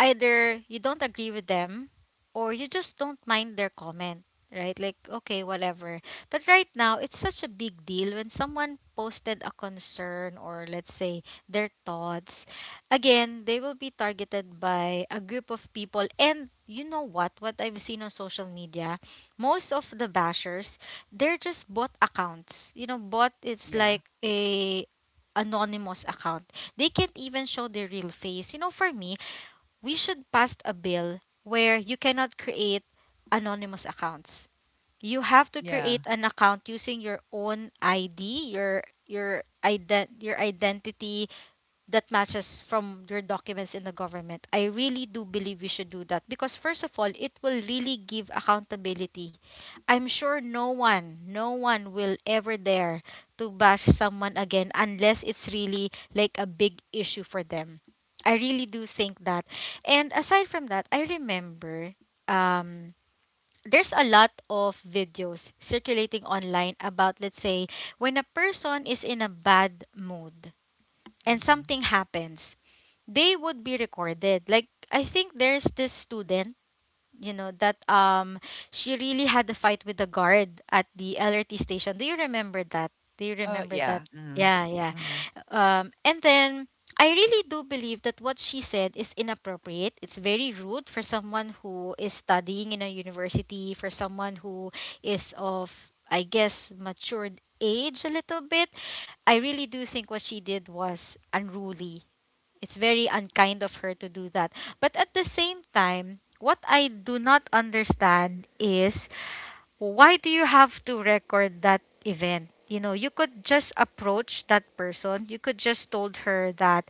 Speaker 1: either you don't agree with them, or you just don't mind their comment, right? Like, okay, whatever. But right now, it's such a big deal when someone posted a concern or, let's say, their thoughts. Again, they will be targeted by a group of people. And you know what? What I've seen on social media, most of the bashers, they're just bot accounts. You know, bot, it's
Speaker 2: Yeah.
Speaker 1: like a anonymous account. They can't even show their real face. You know, for me, we should pass a bill where you cannot create anonymous accounts. You have to
Speaker 2: Yeah.
Speaker 1: create an account using your own ID, your ident your identity that matches from your documents in the government. I really do believe we should do that because, first of all, it will really give accountability. I'm sure no one, no one will ever dare to bash someone again unless it's really like a big issue for them. I really do think that. And aside from that, I remember um there's a lot of videos circulating online about, let's say, when a person is in a bad mood and
Speaker 2: Mm-hmm.
Speaker 1: something happens, they would be recorded. Like, I think there's this student, you know, that she really had a fight with the guard at the LRT station. Do you remember that? Do you
Speaker 2: Oh,
Speaker 1: remember
Speaker 2: yeah.
Speaker 1: that?
Speaker 2: Mm-hmm.
Speaker 1: Yeah, yeah.
Speaker 2: Mm-hmm.
Speaker 1: And then I really do believe that what she said is inappropriate. It's very rude for someone who is studying in a university, for someone who is of, I guess, matured age a little bit. I really do think what she did was unruly. It's very unkind of her to do that. But at the same time, what I do not understand is, why do you have to record that event? You know, you could just approach that person. You could just told her that,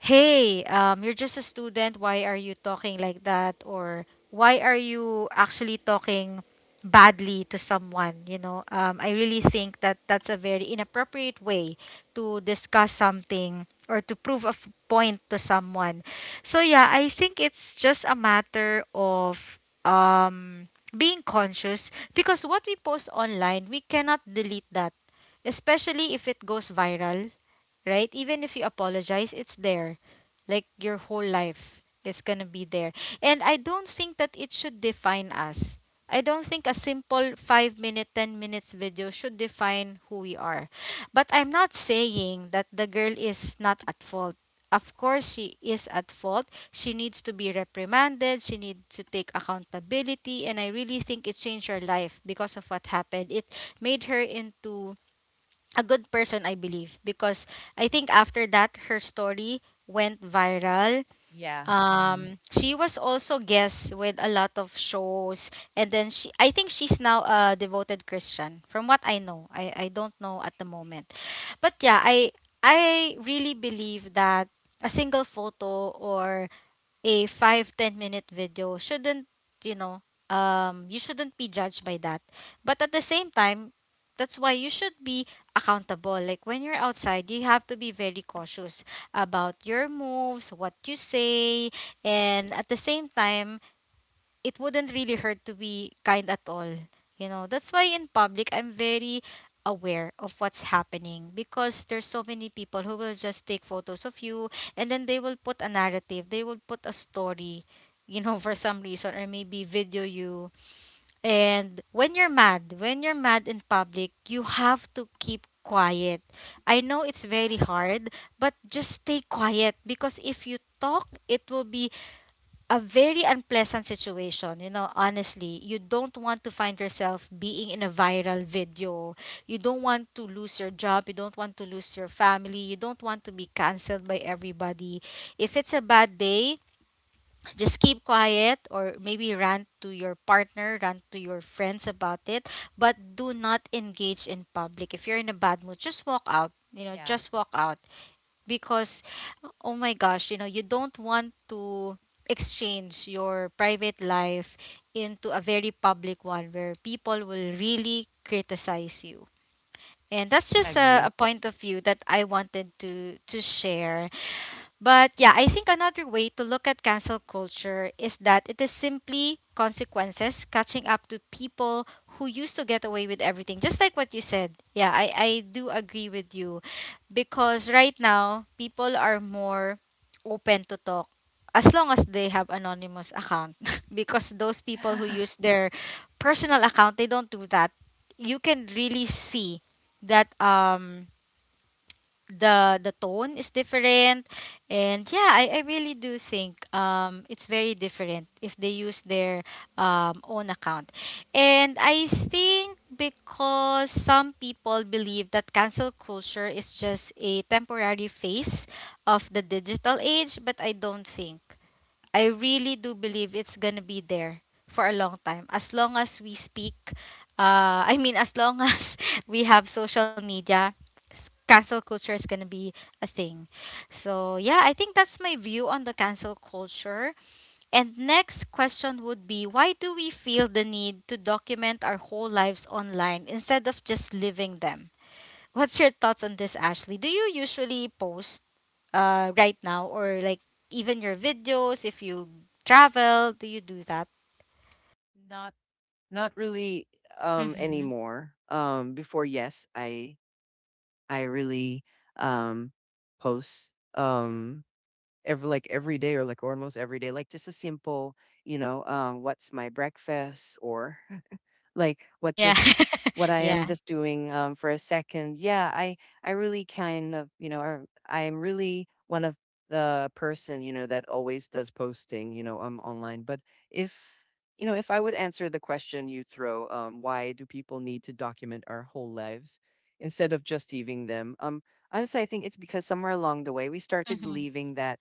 Speaker 1: hey, you're just a student. Why are you talking like that? Or why are you actually talking badly to someone? You know, I really think that that's a very inappropriate way to discuss something, or to prove a point to someone. So yeah, I think it's just a matter of um being conscious, because what we post online, we cannot delete that, especially if it goes viral, right? Even if you apologize, it's there. Like, your whole life is gonna be there. And I don't think that it should define us. I don't think a simple 5 minute, 10 minutes video should define who we are. But I'm not saying that the girl is not at fault. Of course, she is at fault. She needs to be reprimanded. She needs to take accountability. And I really think it changed her life because of what happened. It made her into a good person, I believe, because I think after that, her story went viral.
Speaker 2: Yeah. Mm-hmm.
Speaker 1: She was also guest with a lot of shows, and then she, I think she's now a devoted Christian, from what I know. I don't know at the moment, but yeah, I really believe that a single photo or a 5 to 10 minute video shouldn't you know you shouldn't be judged by that. But at the same time, that's why you should be accountable. Like, when you're outside, you have to be very cautious about your moves, what you say. And at the same time, it wouldn't really hurt to be kind at all. You know, that's why in public I'm very aware of what's happening, because there's so many people who will just take photos of you, and then they will put a narrative, they will put a story, you know, [laughs] for some reason, or maybe video you. And when you're mad in public, you have to keep quiet. I know it's very
Speaker 2: Yeah.
Speaker 1: hard, but just stay quiet, because if you talk, it will be a very unpleasant situation. You know, honestly, you don't want to find yourself being in a viral video. You don't want to lose your job. You don't want to lose your family. You don't want to be canceled by everybody. If it's a bad day, just keep quiet, or maybe rant to your partner, rant to your friends about it, but do not engage in public. If you're in a bad mood, just walk out. You know,
Speaker 2: Yeah.
Speaker 1: just walk out, because, oh my gosh, you know, you don't want to exchange your private life into a very public one where people will really criticize you. And that's just a
Speaker 2: Agree.
Speaker 1: point of view that I wanted to share. But yeah, I think another way to look at cancel culture is that it is simply consequences catching up to people who used to get away with everything. Just like what you said. Yeah, I do agree with you. Because right now, people are more open to talk, as long as they have anonymous account. [laughs] Because those people who
Speaker 2: [sighs]
Speaker 1: use their personal account, they don't do that. You can really see that the tone is different. And yeah, I really do think it's very different if they use their own account. And I think, because some people believe that cancel culture is just a temporary phase of the digital age, but I don't think. I really do believe it's gonna be there for a long time. As long as we speak, I mean, as long [laughs] as we have social media, cancel culture is gonna be a thing. So yeah, I think that's my view on the cancel culture. And next question would be, why do we feel the need to document our whole lives online instead of just living them? What's your thoughts on this, Ashley? Do you usually post right now, or like, even your videos, if you travel, do you do that?
Speaker 2: Not Not really
Speaker 1: Mm-hmm.
Speaker 2: anymore. Before, yes, I really, um post, every day, or like almost every day, like just a simple, what's my breakfast, or like
Speaker 1: Yeah,
Speaker 2: what
Speaker 1: [laughs]
Speaker 2: I am
Speaker 1: yeah.
Speaker 2: just doing, for a second. Yeah, I really kind of, I am really one of the person, that always does posting, online. But if you know if I would answer the question you throw, why do people need to document our whole lives instead of just leaving them? Honestly, I think it's because somewhere along the way we started
Speaker 1: Mm-hmm.
Speaker 2: believing that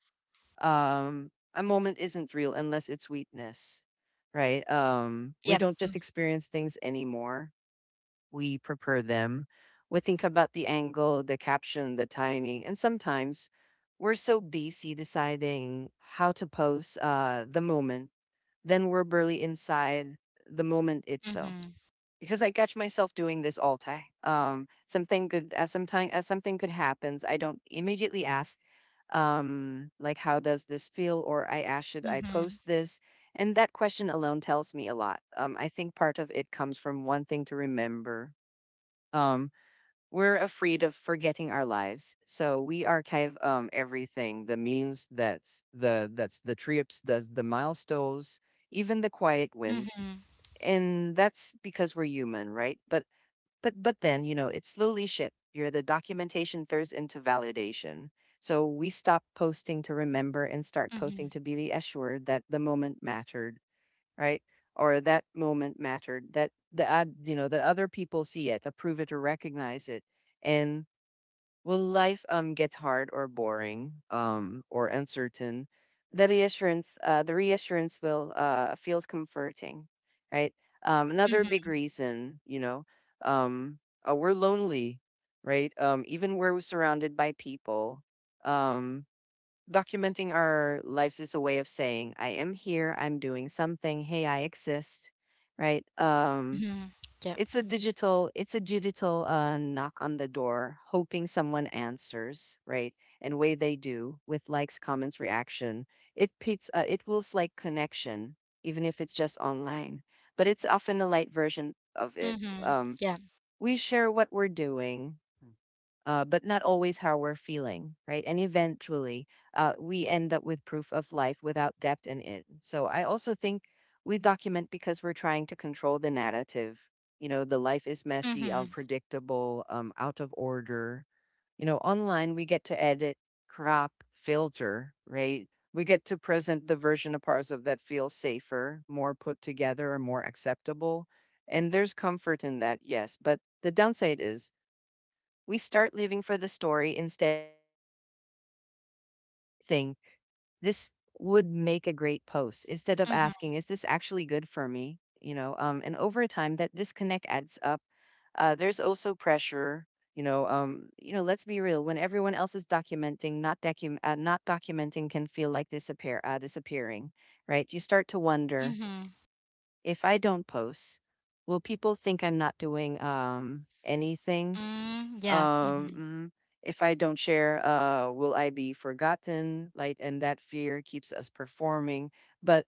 Speaker 2: a moment isn't real unless it's sweetness, right. We
Speaker 1: Yep.
Speaker 2: don't just experience things anymore, we prepare them. We think about the angle, the caption, the timing, and sometimes we're so busy deciding how to post the moment, then we're barely inside the moment itself.
Speaker 1: Mm-hmm.
Speaker 2: Because I catch myself doing this all time. Something good as sometime as something good happens, I don't immediately ask, like how does this feel, or I ask should I
Speaker 1: Mm-hmm.
Speaker 2: post this? And that question alone tells me a lot. I think part of it comes from one thing to remember. um we're afraid of forgetting our lives, so we archive everything, the means that's the trips, does the milestones, even the quiet wins.
Speaker 1: Mm-hmm.
Speaker 2: And that's because we're human, right? But but then, you know, it slowly shift here, the documentation turns into validation. So we stop posting to remember and start posting
Speaker 1: Mm-hmm.
Speaker 2: to be assured that the moment mattered, right? Or that moment mattered, that the ad, you know, that other people see it, approve it, or recognize it. And will life get hard or boring or uncertain? The reassurance will feels comforting, right? Another big
Speaker 1: Mm-hmm.
Speaker 2: reason, you know, um, we're lonely, right? Even where we're surrounded by people, um, documenting our lives is a way of saying, "I am here. I'm doing something. Hey, I exist," right?
Speaker 1: Mm-hmm. Yep.
Speaker 2: It's a digital, it's a digital knock on the door, hoping someone answers, right? And way they do with likes, comments, reaction. It pits, it feels like connection, even if it's just online. But it's often a light version of it.
Speaker 1: Mm-hmm. Yeah.
Speaker 2: We share what we're doing, but not always how we're feeling, right? And eventually, we end up with proof of life without depth in it. So I also think we document because we're trying to control the narrative. You know, the life is messy,
Speaker 1: Mm-hmm.
Speaker 2: unpredictable, out of order. You know, online we get to edit, crop, filter, right? We get to present the version of ourselves that feels safer, more put together, or more acceptable. And there's comfort in that, yes. But the downside is we start living for the story instead of the experience. We think this would make a great post instead of
Speaker 1: Mm-hmm.
Speaker 2: asking, is this actually good for me? You know, and over time that disconnect adds up. There's also pressure. You know, you know. Let's be real. When everyone else is documenting, not documenting can feel like disappearing, right? You start to wonder,
Speaker 1: Mm-hmm.
Speaker 2: if I don't post, will people think I'm not doing anything?
Speaker 1: Mm, yeah.
Speaker 2: Um,
Speaker 1: Mm-hmm.
Speaker 2: mhm. If I don't share, will I be forgotten? Like, and that fear keeps us performing. But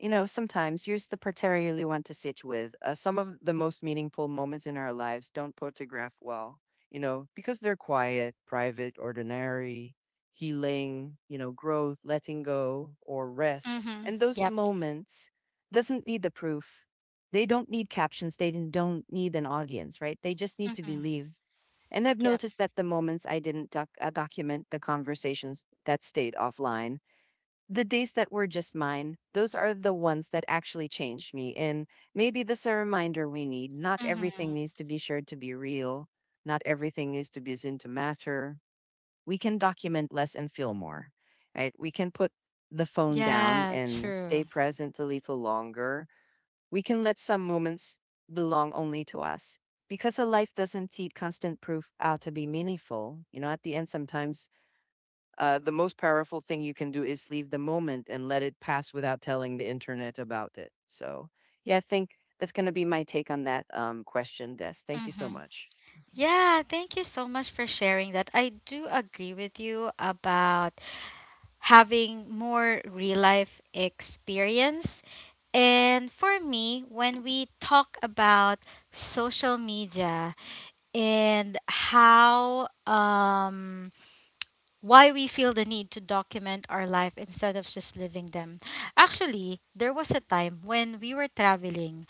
Speaker 2: you know, sometimes here's the part I really want to sit with. Some of the most meaningful moments in our lives don't photograph well, you know, because they're quiet, private, ordinary, healing, you know, growth, letting go, or rest.
Speaker 1: Mm-hmm.
Speaker 2: And those
Speaker 1: Yep.
Speaker 2: moments doesn't need the proof. They don't need captions. They didn't- Don't need an audience, right? They just need to
Speaker 1: Mm-hmm.
Speaker 2: believe. And I've
Speaker 1: Yep.
Speaker 2: noticed that the moments I didn't doc- document, the conversations that stayed offline, the days that were just mine, those are the ones that actually changed me. And maybe that's a reminder we need. Not
Speaker 1: Mm-hmm.
Speaker 2: everything needs to be shared to be real, not everything needs to be seen to matter. We can document less and feel more, right? We can put the phone down
Speaker 1: Yeah,
Speaker 2: and
Speaker 1: true.
Speaker 2: stay present a little longer. We can let some moments belong only to us, because a life doesn't need constant proof out to be meaningful. You know, at the end, sometimes the most powerful thing you can do is leave the moment and let it pass without telling the internet about it. So, yeah, I think that's going to be my take on that question, Des. Thank you so
Speaker 1: Mm-hmm.
Speaker 2: much.
Speaker 1: Yeah, thank you so much for sharing that. I do agree with you about having more real life experience. And for me, when we talk about social media, and how, why we feel the need to document our life instead of just living them. Actually, there was a time when we were traveling,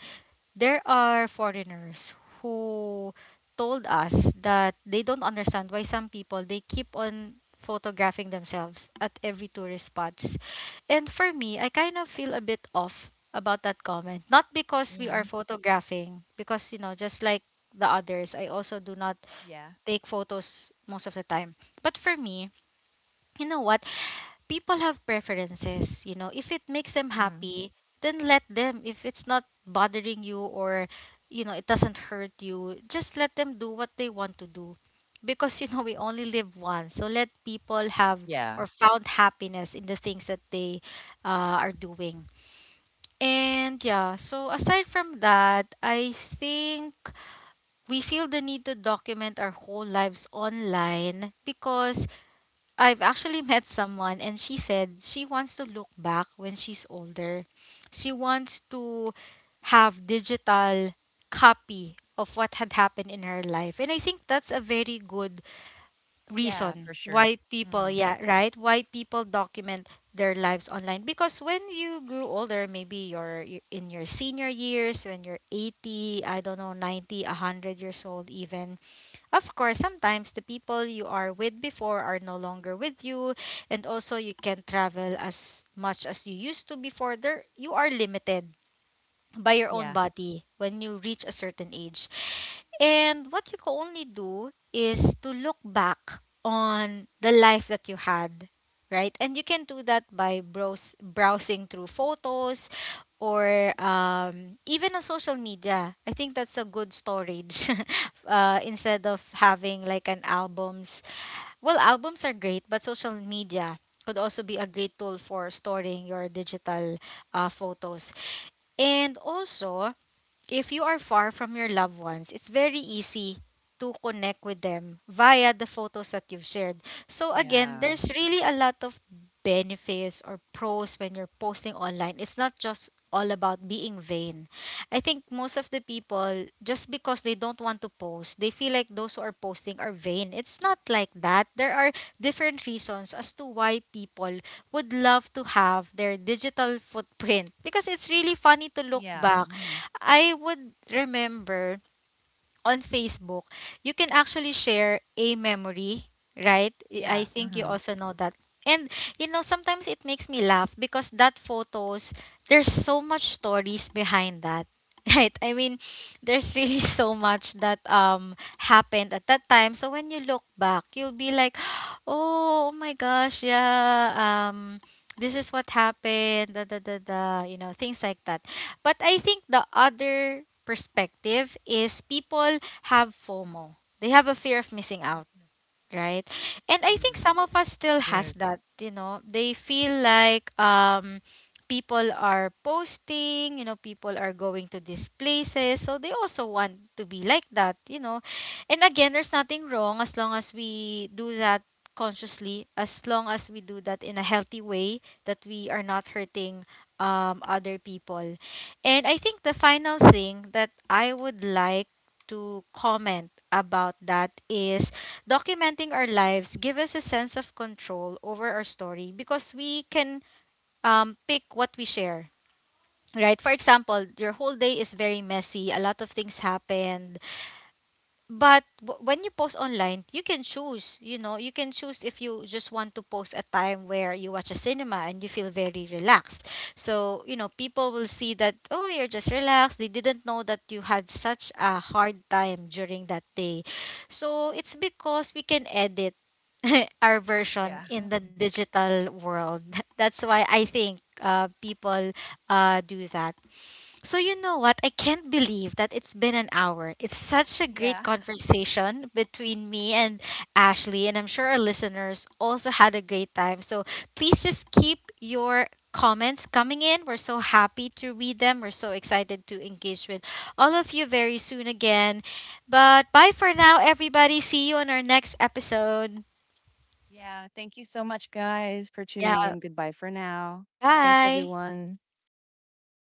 Speaker 1: there are foreigners who told us that they don't understand why some people, they keep on photographing themselves at every tourist spots. And for me, I kind of feel a bit off about that comment. Not because
Speaker 2: Mhm.
Speaker 1: we are
Speaker 2: Hmm.
Speaker 1: photographing, just like the others, I also do not
Speaker 2: Yeah.
Speaker 1: take photos most of the time. But for me, you know what, people have preferences, if it makes them
Speaker 2: Hmm.
Speaker 1: happy, then let them. If it's not bothering you or it doesn't hurt, you just let them do what they want to do, because we only live once. So let people have
Speaker 2: Yeah.
Speaker 1: or found happiness in the things that they are doing. And yeah, so aside from that, I think we feel the need to document our whole lives online, because I've actually met someone and she said she wants to look back when she's older. She wants to have digital copy of what had happened in her life. And I think that's a very good
Speaker 2: Yeah,
Speaker 1: reason
Speaker 2: for sure.
Speaker 1: why people,
Speaker 2: Mhm.
Speaker 1: yeah, right? Why people document their lives online, because when you grew older, maybe you're in your senior years, when you're 80, I don't know, 90, 100 years old even, of course, sometimes the people you are with before are no longer with you, and also you can't travel as much as you used to before. There, you are limited by your own
Speaker 2: Yeah.
Speaker 1: body when you reach a certain age. And what you can only do is to look back on the life that you had, right? And you can do that by browsing through photos, or even on social media. I think that's a good storage, [laughs] instead of having like an albums. Well, albums are great, but social media could also be a great tool for storing your digital photos. And also, if you are far from your loved ones, it's very easy to connect with them via the photos that you've shared. So again,
Speaker 2: Yeah.
Speaker 1: there's really a lot of benefits or pros when you're posting online. It's not just all about being vain. I think most of the people, just because they don't want to post, they feel like those who are posting are vain. It's not like that. There are different reasons as to why people would love to have their digital footprint, because it's really funny to look
Speaker 2: Yeah.
Speaker 1: back.
Speaker 2: Mhm.
Speaker 1: I would remember, on Facebook, you can actually share a memory, right? I
Speaker 2: Yeah.
Speaker 1: think you
Speaker 2: Mhm.
Speaker 1: also know that. And sometimes it makes me laugh because that photos, there's so much stories behind that. [laughs] Right? I mean, there's really [laughs] so much that happened at that time. So when you look back, you'll be like, [gasps] "Oh, oh my gosh, yeah. This is what happened." Da da da da, things like that. But I think the other perspective is people have FOMO. They have a fear of missing out, right? And I think
Speaker 2: Mm.
Speaker 1: some of us still has
Speaker 2: Good.
Speaker 1: that. They feel like people are posting, people are going to these places, so they also want to be like that. And again, there's nothing wrong as long as we do that consciously, as long as we do that in a healthy way, that we are not hurting other people. And I think the final thing that I would like to comment about that is, documenting our lives give us a sense of control over our story, because we can pick what we share. Right? For example, your whole day is very messy. A lot of things happened. But when you post online, you can choose, you can choose if you just want to post a time where you watch a cinema and you feel very relaxed. So, people will see that, oh, you're just relaxed. They didn't know that you had such a hard time during that day. So, it's because we can edit [laughs] our
Speaker 2: Yeah.
Speaker 1: version in the digital world. [laughs] That's why I think people do that. So you know what? I can't believe that it's been an hour. It's such a great
Speaker 2: Yeah.
Speaker 1: conversation between me and Ashley, and I'm sure our listeners also had a great time. So please just keep your comments coming in. We're so happy to read them. We're so excited to engage with all of you very soon again. But bye for now, everybody. See you on our next episode.
Speaker 2: Yeah, thank you so much, guys, for tuning
Speaker 1: Yeah,
Speaker 2: in. Goodbye for now. Thanks,
Speaker 1: bye.
Speaker 2: everyone.